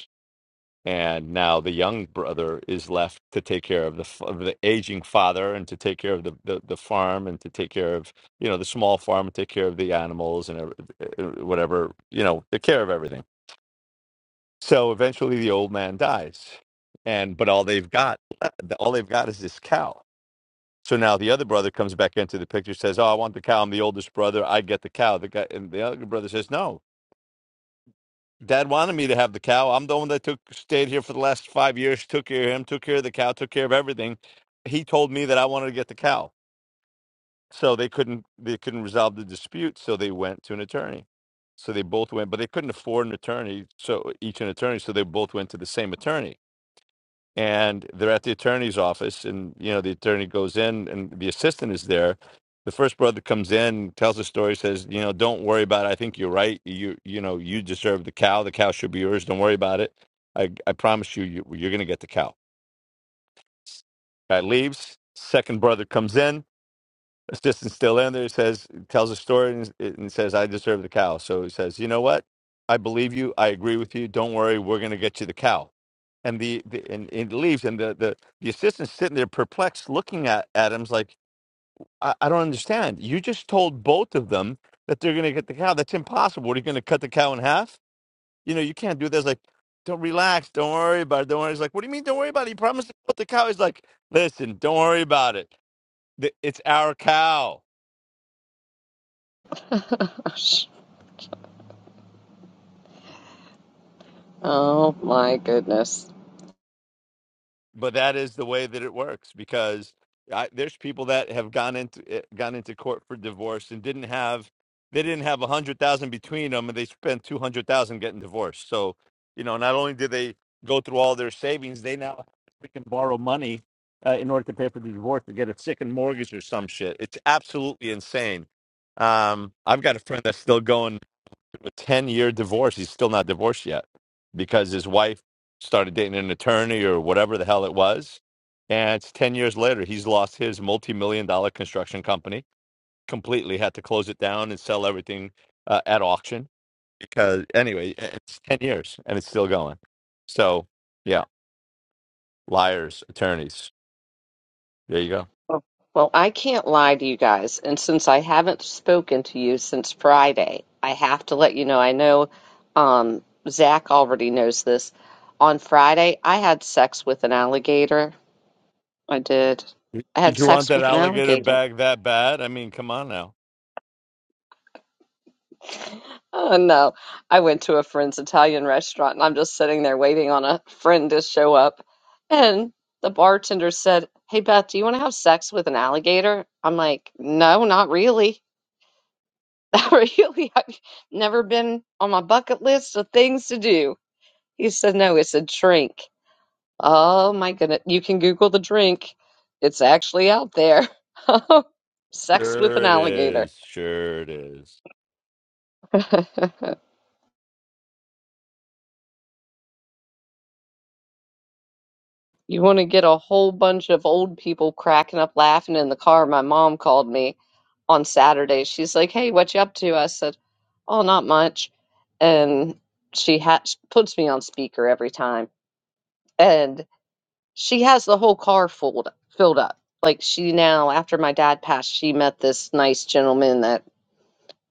and now the young brother is left to take care of the f- of the aging father and to take care of the, the the farm and to take care of you know the small farm and take care of the animals and ev- eh, whatever you know take care of everything so eventually the old man dies and but all they've got all they've got is this cow so now the other brother comes back into the picture says oh i want the cow i'm the oldest brother i get the cow the guy and the other brother says no Dad wanted me to have the cow. I'm the one that took stayed here for the last five years, took care of him, took care of the cow, took care of everything. He told me that I wanted to get the cow. So they couldn't they couldn't resolve the dispute, so they went to an attorney. So they both went, but they couldn't afford an attorney, so each an attorney, so they both went to the same attorney and they're at the attorney's office and you know the attorney goes in and the assistant is there the first brother comes in tells the story says you know don't worry about it i think you're right you you know you deserve the cow the cow should be yours don't worry about it i i promise you, you you're gonna get the cow guy leaves second brother comes in assistant still in there says tells a story and, and says i deserve the cow so he says you know what i believe you i agree with you don't worry we're going to get you the cow and the, the and, and leaves and the, the the assistant's sitting there perplexed looking at adams like i, I don't understand you just told both of them that they're going to get the cow that's impossible what are you going to cut the cow in half you know you can't do this like don't relax don't worry about it don't worry he's like what do you mean don't worry about it he promised to put the cow he's like listen don't worry about it Th- it's our cow Oh my goodness. but that is the way that it works because I, there's people that have gone into eh, gone into court for divorce and didn't have they didn't have a hundred thousand between them and they spent two hundred thousand getting divorced. So you know, not only did they go through all their savings, they now can borrow money uh, in order to pay for the divorce to get a second mortgage or some shit. It's absolutely insane. Um, I've got a friend that's still going a 10 year divorce. He's still not divorced yet because his wife started dating an attorney or whatever the hell it was. And it's 10 years later, he's lost his multi million dollar construction company completely, had to close it down and sell everything uh, at auction because, anyway, it's 10 years and it's still going. So, yeah, liars, attorneys. There you go. Well, I can't lie to you guys. And since I haven't spoken to you since Friday, I have to let you know. I know um, Zach already knows this. On Friday, I had sex with an alligator. I did. I Did had you want sex that with an alligator alligator. bag that bad? I mean, come on now. Oh no. I went to a friend's Italian restaurant and I'm just sitting there waiting on a friend to show up. And the bartender said, Hey Beth, do you want to have sex with an alligator? I'm like, No, not really. [LAUGHS] Not really. I've never been on my bucket list of things to do. He said, No, it's a drink. Oh my goodness. You can Google the drink. It's actually out there. [LAUGHS] Sex with an Sure it alligator. is. Sure it is. [LAUGHS] You want to get a whole bunch of old people cracking up laughing in the car. My mom called me on Saturday. She's like, "Hey, what you up to?" I said, "Oh, not much." And she ha- she puts me on speaker every time, and she has the whole car filled filled up. Like she now, after my dad passed, she met this nice gentleman that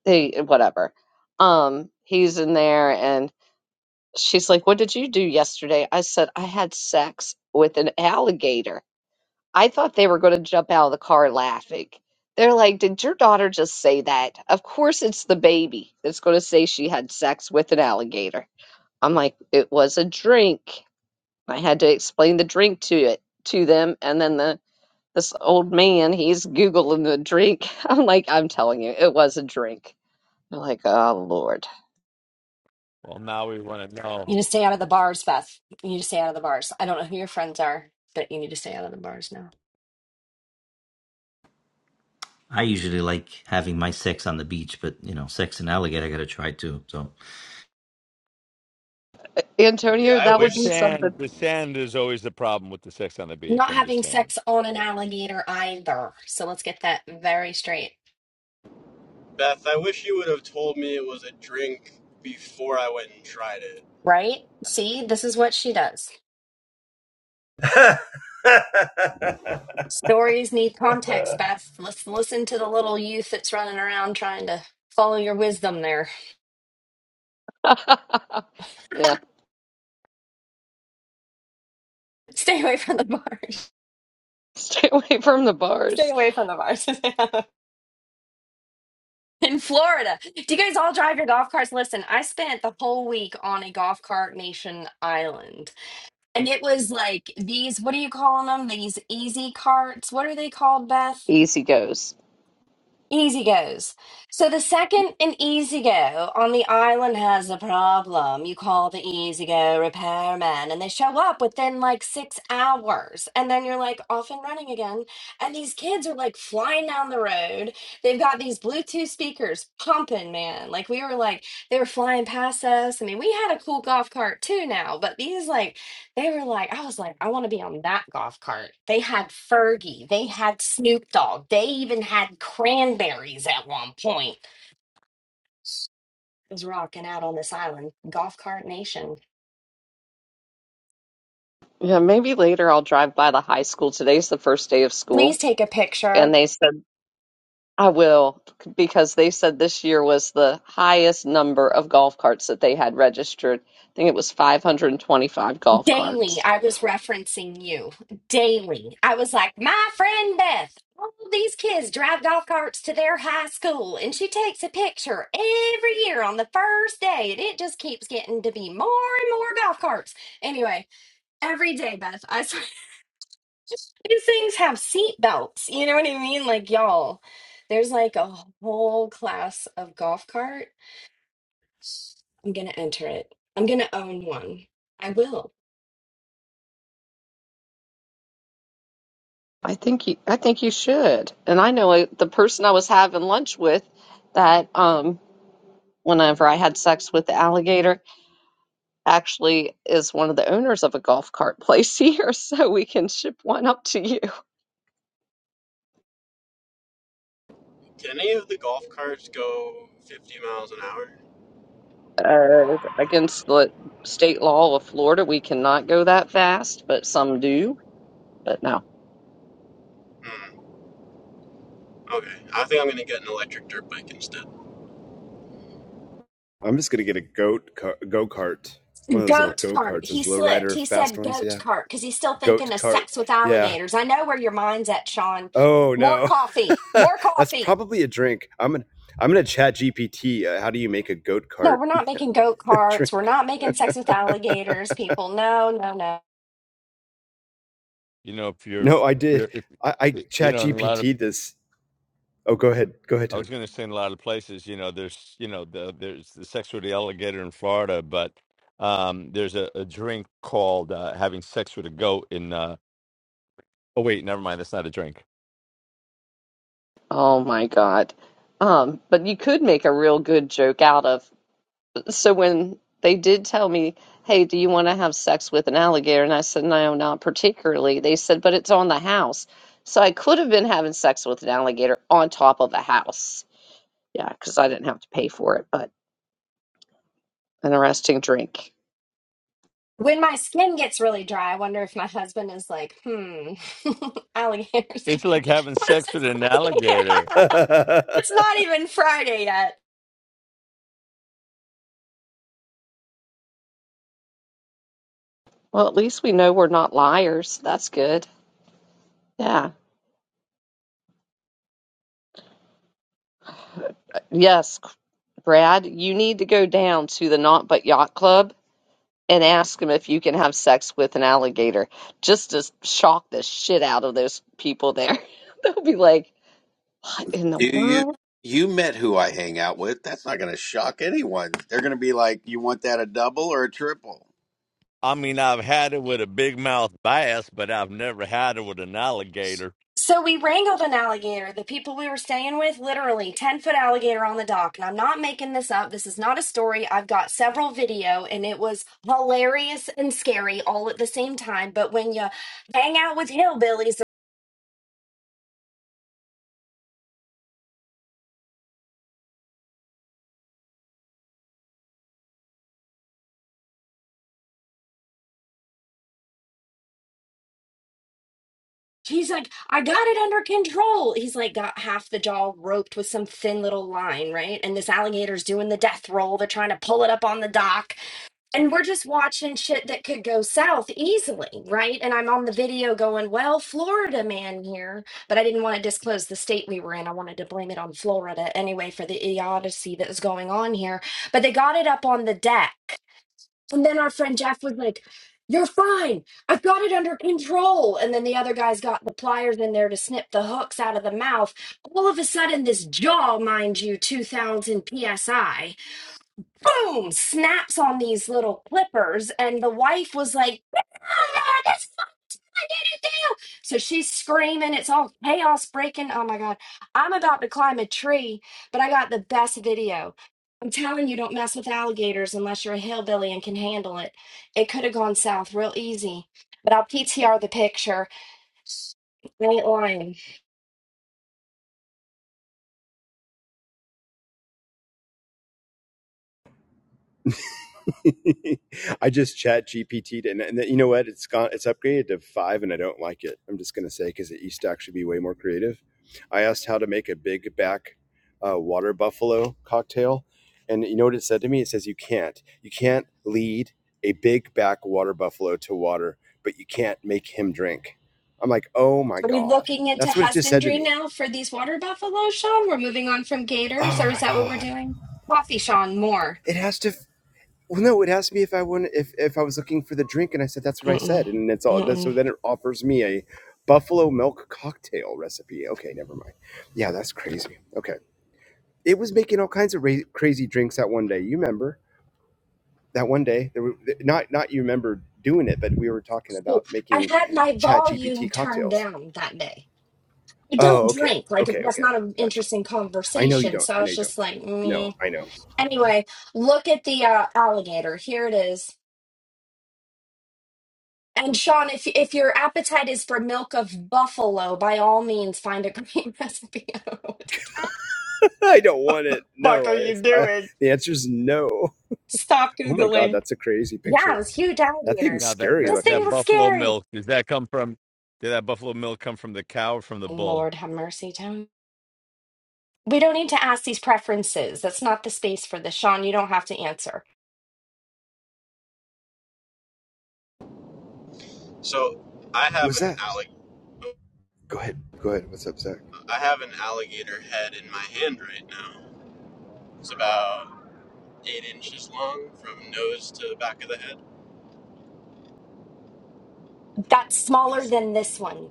they whatever. Um, he's in there, and she's like, "What did you do yesterday?" I said, "I had sex with an alligator." I thought they were going to jump out of the car laughing. They're like, Did your daughter just say that? Of course, it's the baby that's going to say she had sex with an alligator. I'm like, It was a drink. I had to explain the drink to it to them. And then the this old man, he's Googling the drink. [LAUGHS] I'm like, I'm telling you, it was a drink. They're like, Oh, Lord. Well, now we want to know. You need to stay out of the bars, Beth. You need to stay out of the bars. I don't know who your friends are, but you need to stay out of the bars now. I usually like having my sex on the beach, but you know, sex and alligator, I gotta try too. So, Yeah, Antonio, I that The would be wish, sand, something. the sand is always the problem with the sex on the beach. Not I'm just having saying. sex on an alligator either. So let's get that very straight. Beth, I wish you would have told me it was a drink before I went and tried it. Right? See, this is what she does. Stories need context, Beth. Let's listen to the little youth that's running around trying to follow your wisdom there. [LAUGHS] yeah. [LAUGHS] Stay away from the bars. Stay away from the [LAUGHS] Stay bars. away from the bars. [LAUGHS] In Florida, do you guys all drive your golf carts? Listen, I spent the whole week on a golf cart nation island. And it was like these, what are you calling them? These easy carts. What are they called, Beth? Easy goes. Easy goes. So the second an easy go on the island has a problem, you call the easy go repairman and they show up within like six hours. And then you're like off and running again. And these kids are like flying down the road. They've got these Bluetooth speakers pumping, man. Like we were like, they were flying past us. I mean, we had a cool golf cart too now, but these like they were like, I was like, I want to be on that golf cart. They had Fergie, they had Snoop Dogg, they even had cranberries at one point. It was rocking out on this island, golf cart nation. Yeah, maybe later I'll drive by the high school. Today's the first day of school, Please take a picture. and they said I will because they said this year was the highest number of golf carts that they had registered. I think it was 525 golf Daily, carts. I was referencing you. Daily, I was like, my friend Beth, all these kids drive golf carts to their high school, and she takes a picture every year on the first day, and it just keeps getting to be more and more golf carts. Anyway, every day, Beth. I [LAUGHS] These things have seat belts. You know what I mean? Like, y'all, there's like a whole class of golf cart. I'm gonna enter it. I'm gonna own one. I will. I think you, I think you should. And I know it- the person I was having lunch with that um whenever I had sex with the alligator actually is one of the owners of a golf cart place [LAUGHS] here, so we can ship one up to you. Can any of the golf carts go 50 miles an hour? Uh, against the state law of Florida, we cannot go that fast, but some do. But no. Hmm. Okay, I think I'm gonna get an electric dirt bike instead. I'm just gonna get a goat go kart, one of those little Goat go cart. karts, He those low slipped. rider He fast said ones. goat Yeah, cart because he's still goat thinking of cart. sex with Yeah. alligators. I know where your mind's at, Sean. Oh no. More [LAUGHS] coffee. More [LAUGHS] That's coffee. probably a drink. I'm gonna I'm gonna chat GPT. Uh, how do you make a goat No, cart we're not making goat [LAUGHS] carts. We're drink? not making sex with alligators, people. No, no, no. You know, if you're, No, I did. you're if I, I you chat know, in a lot of, GPT this. Oh, go ahead. Go ahead, I was going to say in a lot of places, you know, there's, you know, the, there's the sex with the alligator in Florida, but um, there's a, a drink called uh, having sex with a goat in. Uh, oh wait, never mind. That's not a drink. Oh my God. Um, but you could make a real good joke out of. So when they did tell me, hey, do you want to have sex with an alligator? And I said, no, not particularly. They said, but it's on the house. So I could have been having sex with an alligator on top of a house. Yeah, because I didn't have to pay for it, but an arresting drink. When my skin gets really dry, I wonder if my husband is like, hmm, [LAUGHS] alligators. [LAUGHS] It's like having What is sex this with an [LAUGHS] alligator. Tony. [LAUGHS] It's not even Friday yet. Well, at least we know we're not liars. That's good. Yeah. Yes, Brad, you need to go down to the Not But Yacht Club and ask them if you can have sex with an alligator. Just to shock the shit out of those people there. [LAUGHS] They'll be like, what in the Do you? world? You met who I hang out with. That's not going to shock anyone. They're going to be like, you want that a double or a triple? I mean, I've had it with a big mouth bass, but I've never had it with an alligator. So we wrangled an alligator. The people we were staying with, literally 10 foot alligator on the dock. And I'm not making this up. This is not a story. I've got several video and it was hilarious and scary all at the same time. But when you hang out with hillbillies, He's like, I got it under control. He's like, got half the jaw roped with some thin little line, right? And this alligator's doing the death roll. They're trying to pull it up on the dock. And we're just watching shit that could go south easily, right? And I'm on the video going, well, Florida man here. But I didn't want to disclose the state we were in. I wanted to blame it on Florida anyway for the idiocy that was going on here. But they got it up on the deck. And then our friend Jeff was like, You're fine. I've got it under control. And then the other guys got the pliers in there to snip the hooks out of the mouth. All of a sudden, this jaw, mind you, 2000 psi, boom, snaps on these little clippers. And the wife was like, did it now. So she's screaming. It's all chaos breaking. Oh my God. I'm about to climb a tree, but I got the best video. I'm telling you, don't mess with alligators unless you're a hillbilly and can handle it. It could have gone south real easy, but I'll PTR the picture. I ain't lying. [LAUGHS] I just chat GPT'd and, and you know what? It's gone. It's upgraded to five, and I don't like it. I'm just gonna say because it used to actually be way more creative. I asked how to make a big back uh, water buffalo cocktail, and you know what it said to me? It says you can't. You can't lead a big back water buffalo to water, but you can't make him drink. I'm like, oh my Are we god, looking into that's what it just said to husbandry me. now for these water buffalo, Sean? We're moving on from gators, Oh or is my that what we're god, doing? Coffee, Sean, more. it has to. Well, no, it asked me if I want if if I was looking for the drink, and I said that's what I said, Mm-mm. and it's all. So Mm-mm. then it offers me a buffalo milk cocktail recipe. Okay, never mind. Yeah, that's crazy. Okay, it was making all kinds of ra- crazy drinks that one day. You remember that one day? There were, not not you remember doing it, but we were talking So about I making had my Chat GPT volume turned cocktails. down that day. I Oh, don't okay, drink. Like okay, that's okay, not an gotcha. interesting I know you conversation. don't. So I I know was you don't. just like, meh. No, I know. Anyway, look at the uh, alligator. Here it is. And Sean, if if your appetite is for milk of buffalo, by all means, find a great [LAUGHS] recipe. I don't know what the [LAUGHS] I don't want it. fuck No, are you I, I, doing? the answer is no. Stop Oh my god, googling. that's a crazy Yeah, it picture. was huge That thing's alligator. Now that scary that This thing that looking. was buffalo scary. milk does that come from? Did that buffalo milk come from the cow or from the bull? Lord have mercy, Tony. We don't need to ask these preferences. That's not the space for this, Sean. You don't have to answer. So I have Was an that? allig- Go ahead. Go ahead. What's up, Zach? I have an alligator head in my hand right now. It's about eight inches long from nose to the back of the head. That's smaller It's, than this one.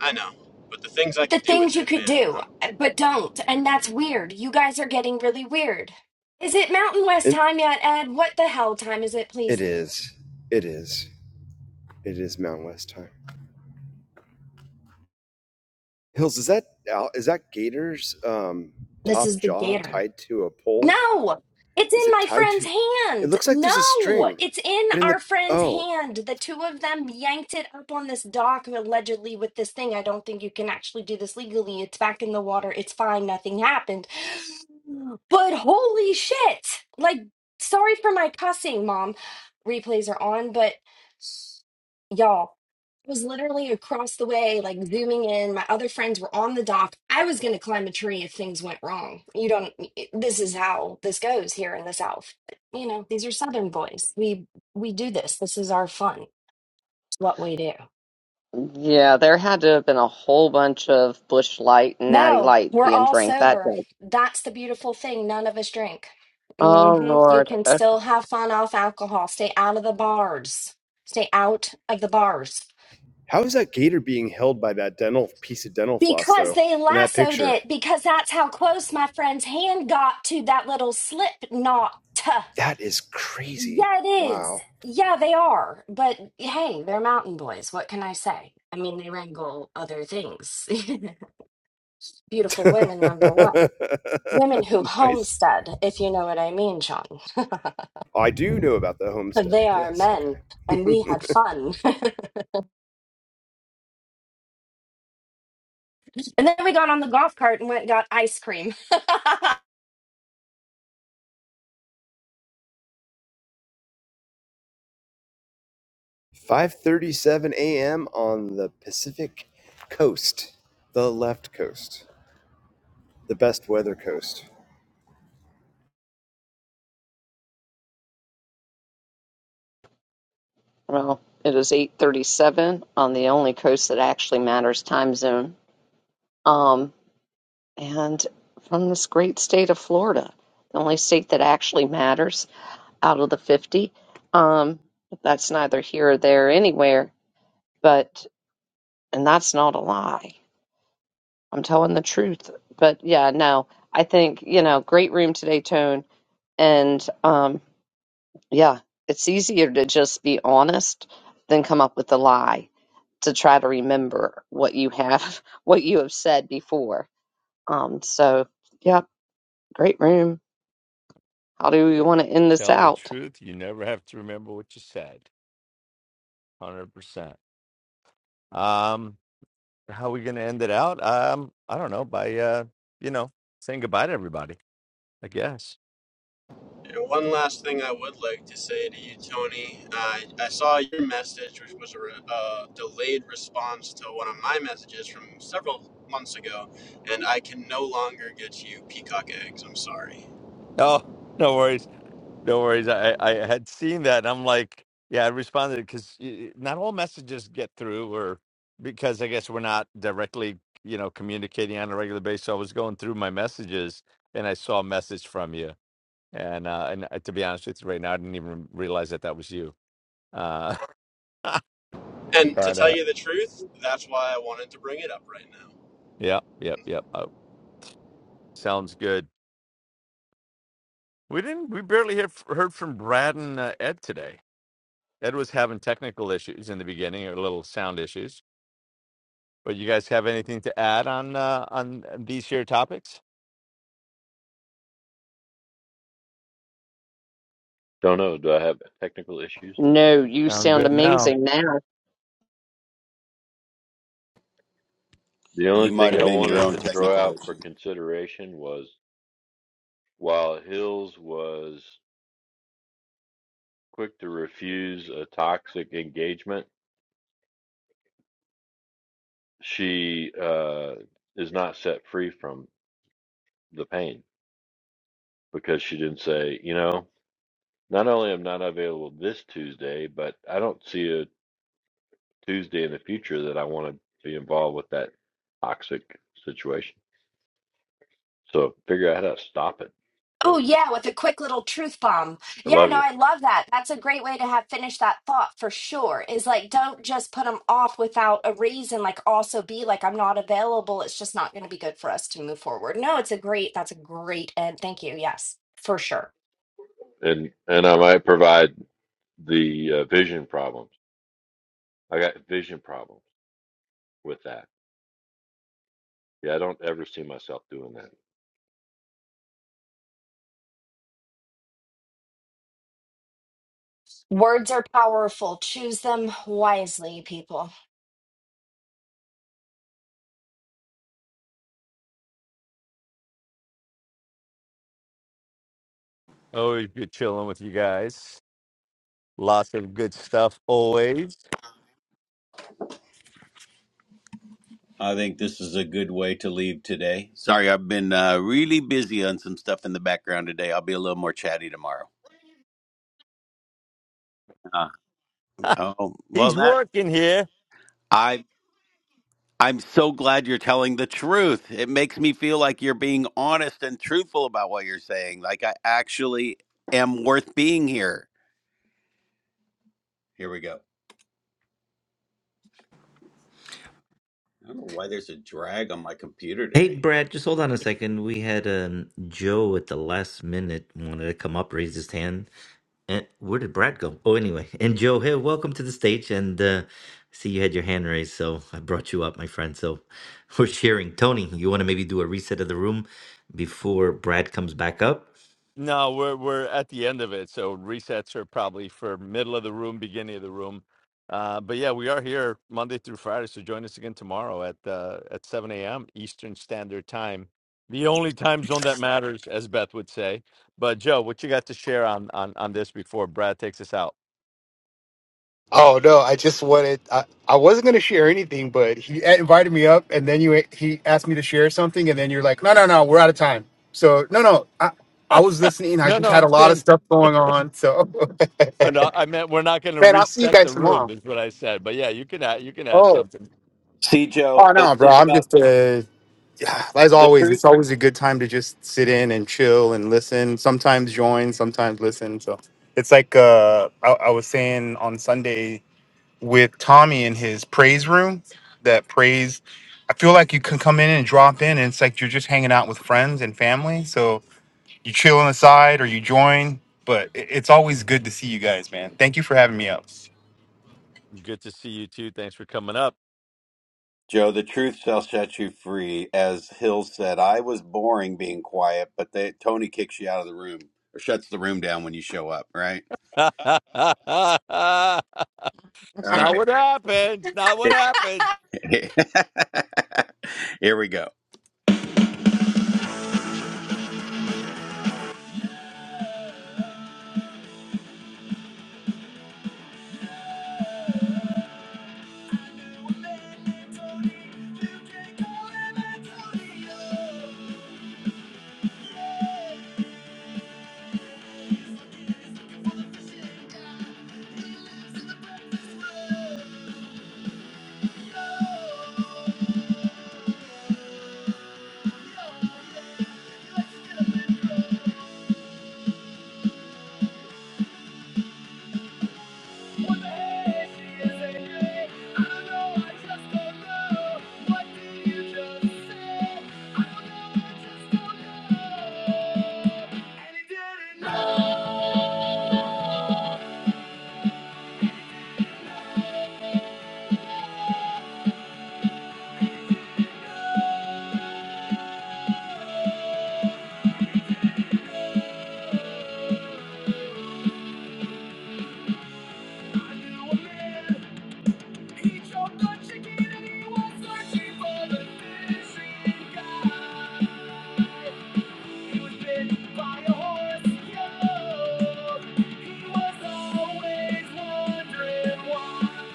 I know, but the things I the could do things with you it, could man. do, I'm, but don't. And that's weird. You guys are getting really weird. Is it Mountain West And time yet, Ed? What the hell time is it, It please? is. It is. It is Mountain West time. Hills, is that is that Gator's um, This top is the jaw Gator. tied to a pole? No, it's Is in it my tied friend's to? It hand. looks like there's a No, string, it's in but in the our friend's oh, hand. The two of them yanked it up on this dock allegedly with this thing. I don't think you can actually do this legally. It's back in the water. It's fine. Nothing happened. [GASPS] But holy shit. Like, sorry for my cussing, mom. Replays are on, but y'all was literally across the way, like zooming in. My other friends were on the dock. I was going to climb a tree if things went wrong. You don't, this is how this goes here in the South. You know, these are Southern boys. We we do this. This is our fun. It's what we do. Yeah, there had to have been a whole bunch of Bush Light and Natty No, Light we're being all drank that sober. day. That's the beautiful thing. None of us drink. Oh, hmm You Lord. can Okay, still have fun off alcohol. Stay out of the bars. Stay out of the bars. how is that Gator being held by that dental piece of dental floss Because though? they In that lassoed picture, it, because that's how close my friend's hand got to that little slip knot. that is crazy. Yeah, it Wow. is. Yeah, they are. But hey, they're mountain boys. What can I say? I mean, they wrangle other things. [LAUGHS] [LAUGHS] Beautiful women, number one. Women who nice. homestead, if you know what I mean, Sean. [LAUGHS] I do know about the homesteading. they are Yes. men, Okay. and [LAUGHS] we had fun. [LAUGHS] and then we got on the golf cart and went and got ice cream. [LAUGHS] 5:37 a.m. on the Pacific coast, the left coast, the best weather coast. Well, it is 8:37 on the only coast that actually matters time zone. Um. and from this great state of Florida, the only state that actually matters out of the 50. Um, but that's neither here or there anywhere, but, and that's not a lie. I'm telling the truth. But yeah, no, I think, you know, great room today, Tone. And um, yeah, it's easier to just be honest than come up with a lie to try to remember what you have, [LAUGHS] what you have said before. Um, so, yeah, great room. How do you It- want to end this Tell the out? truth. You never have to remember what you said. Hundred percent. Um, how are we gonna end it out? Um, I don't know. By uh, you know, saying goodbye to everybody. I guess. and one last thing I would like to say to you, Tony. I, I saw your message, which was a re- uh, delayed response to one of my messages from several months ago, and I can no longer get you peacock eggs. I'm sorry. No, no worries. No worries. I, I had seen that. And I'm like, yeah, I responded because not all messages get through, or because I guess we're not directly, you know, communicating on a regular basis. So I was going through my messages and I saw a message from you. And uh, and uh, to be honest with you, right now, I didn't even realize that that was you. Uh, [LAUGHS] And to but tell uh, you the truth, that's why I wanted to bring it up right now. yeah, yep, yep. Uh, sounds good. We didn't. We barely hear, heard from Brad and uh, Ed today. Ed was having technical issues in the beginning, or little sound issues But you guys have anything to add on uh, on these here topics? Don't know. Do I have technical issues? No, you I'm sound good now. amazing now. The You only might thing have I been your wanted own to throw technical out for issue. consideration was while Hills was quick to refuse a toxic engagement, she uh, is not set free from the pain because she didn't say, you know, not only am I not available this Tuesday, but I don't see a Tuesday in the future that I want to be involved with that toxic situation. So figure out how to stop it. Oh Bill. yeah, with a quick little truth bomb. I Yeah, love no, you, I love that. That's a great way to have finish that thought for sure. Is like don't just put them off without a reason. Like also be like I'm not available. It's just not going to be good for us to move forward. No, it's a great. That's a great end. Thank you. Yes, for sure. and and I might provide the uh, vision problems. I got vision problems with that. Yeah, I don't ever see myself doing that. Words are powerful. Choose them wisely, people. Always good chilling with you guys. Lots of good stuff always. I think this is a good way to leave today. Sorry, I've been uh, really busy on some stuff in the background today. I'll be a little more chatty tomorrow. Uh, [LAUGHS] oh well, He's that working here. I I'm so glad you're telling the truth. It makes me feel like you're being honest and truthful about what you're saying. Like I actually am worth being here. Here we go. I don't know why there's a drag on my computer hey, today. Brad, just hold on a second. We had um, Joe at the last minute wanted to come up, raise his hand. And where did Brad go? Oh, anyway, [LAUGHS] and Joe, hey, welcome to the stage. And uh, see, you had your hand raised, so I brought you up, my friend. So [LAUGHS] we're sharing. Tony, you want to maybe do a reset of the room before Brad comes back up? No, we're we're at the end of it, so resets are probably for middle of the room, beginning of the room. Uh, but yeah, we are here Monday through Friday, so join us again tomorrow at uh, at 7 a.m. Eastern Standard Time, the only time zone that matters, as Beth would say. But Joe, what you got to share on on on this before Brad takes us out? Oh no, I just wanted. I, I wasn't gonna share anything, but he invited me up, and then you he asked me to share something, and then you're like, no, no, no, we're out of time. So no, no, I I was listening. I No, just no, had I'm a lot of saying, stuff going on. So [LAUGHS] oh, no, I meant we're not going to man, I'll see you reset guys the room, tomorrow. is what I said. But yeah, you can add you can add Oh, something. See, Joe, oh it's no, bro, it's I'm about just uh, yeah. as the always. truth. It's always a good time to just sit in and chill and listen. Sometimes join, sometimes listen. So it's like uh, I, I was saying on Sunday. with Tommy in his praise room. That praise, I feel like you can come in and drop in, and it's like you're just hanging out with friends and family. So you chill on the side or you join, but it- it's always good to see you guys, man. Thank you for having me up. Good to see you too. Thanks for coming up. Joe, the truth shall set you free. As Hill said, I was boring being quiet, but they, Tony kicks you out of the room or shuts the room down when you show up. Right? [LAUGHS] It's All not what happened. It's not what right. happened. [LAUGHS] Here we go. [LAUGHS] By a horse, He was always wondering why.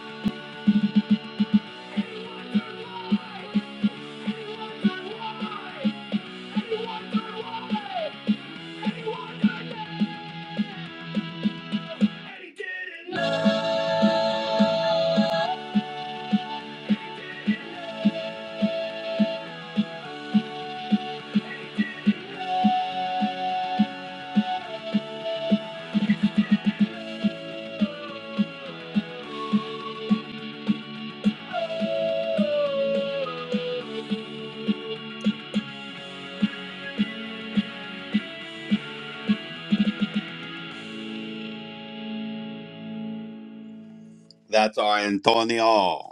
That's our Antonio.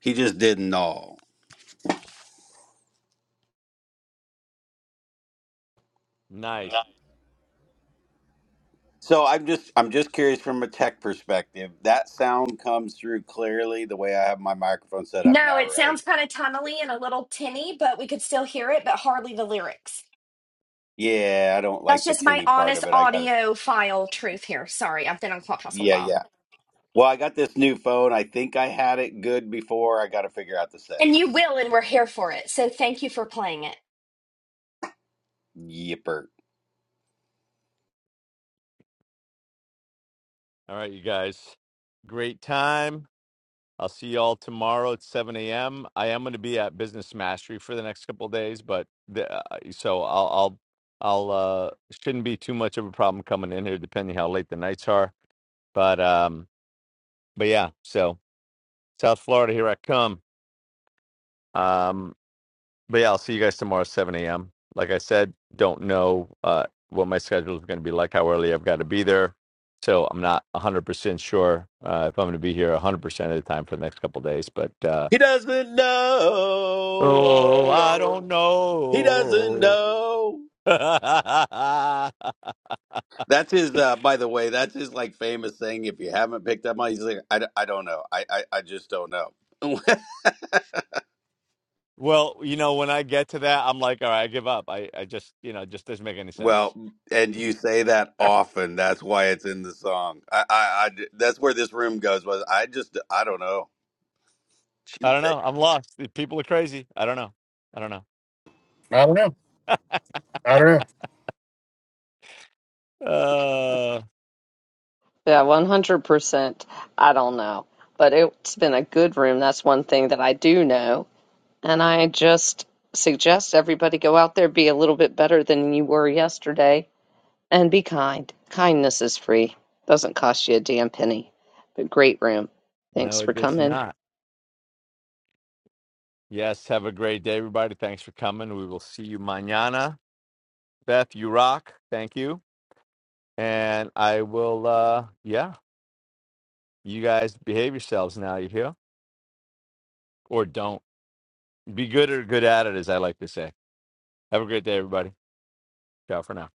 He just didn't know. Nice. So I'm just I'm just curious from a tech perspective. That sound comes through clearly the way I have my microphone set up No, now, it right? sounds kind of tunnely and a little tinny, but we could still hear it, but hardly the lyrics. Yeah, I don't That's like the just my tinny part honest of it. I got it. audio file truth here. Sorry, I've been on Clubhouse a Yeah, while. yeah. Well, I got this new phone. I think I had it good before. I got to figure out the And you settings. will, and we're here for it. So thank you for playing it. Yipper. All right, you guys. Great time. I'll see you all tomorrow at 7 a.m. I am going to be at Business Mastery for the next couple of days, but the, uh, uh, so I'll, I'll, I'll, uh, shouldn't be too much of a problem coming in here, depending how late the nights are. But, um, but yeah, so South Florida, here I come. Um, But yeah, I'll see you guys tomorrow, at seven AM. Like I said, don't know uh what my schedule is gonna be like, how early I've got to be there. So I'm not one hundred percent sure uh if I'm gonna be here one hundred percent of the time for the next couple of days, but uh He doesn't oh I don't know. He doesn't know. know. [LAUGHS] That's his. Uh, by the way, that's his like famous saying. If you haven't picked up on, it, he's like, I, d- I don't know. I, I, I just don't know. well, you know, when I get to that, I'm like, all right, I give up. I, I just you know, it just doesn't make any [LAUGHS] well, sense. and you say that [LAUGHS] I often. That's why it's in the song. I I I- that's where this room goes. Was I just I don't know. don't know. I'm lost. The People are crazy. I don't know. I don't know. I don't know. I don't know. Uh Yeah, 100%. I don't know. But it's been a good room. That's one thing that I do know. And I just suggest everybody go out there, be a little bit better than you were yesterday, and be kind. Kindness is free, doesn't cost you a damn penny. But great room. no, Thanks for it is coming. not. Yes, have a great day, everybody. Thanks for coming. We will see you mañana. Beth, you rock. Thank you. And I will, uh yeah, you guys behave yourselves now. You hear? Or don't. Be good or good at it, as I like to say. Have a great day, everybody. Ciao for now.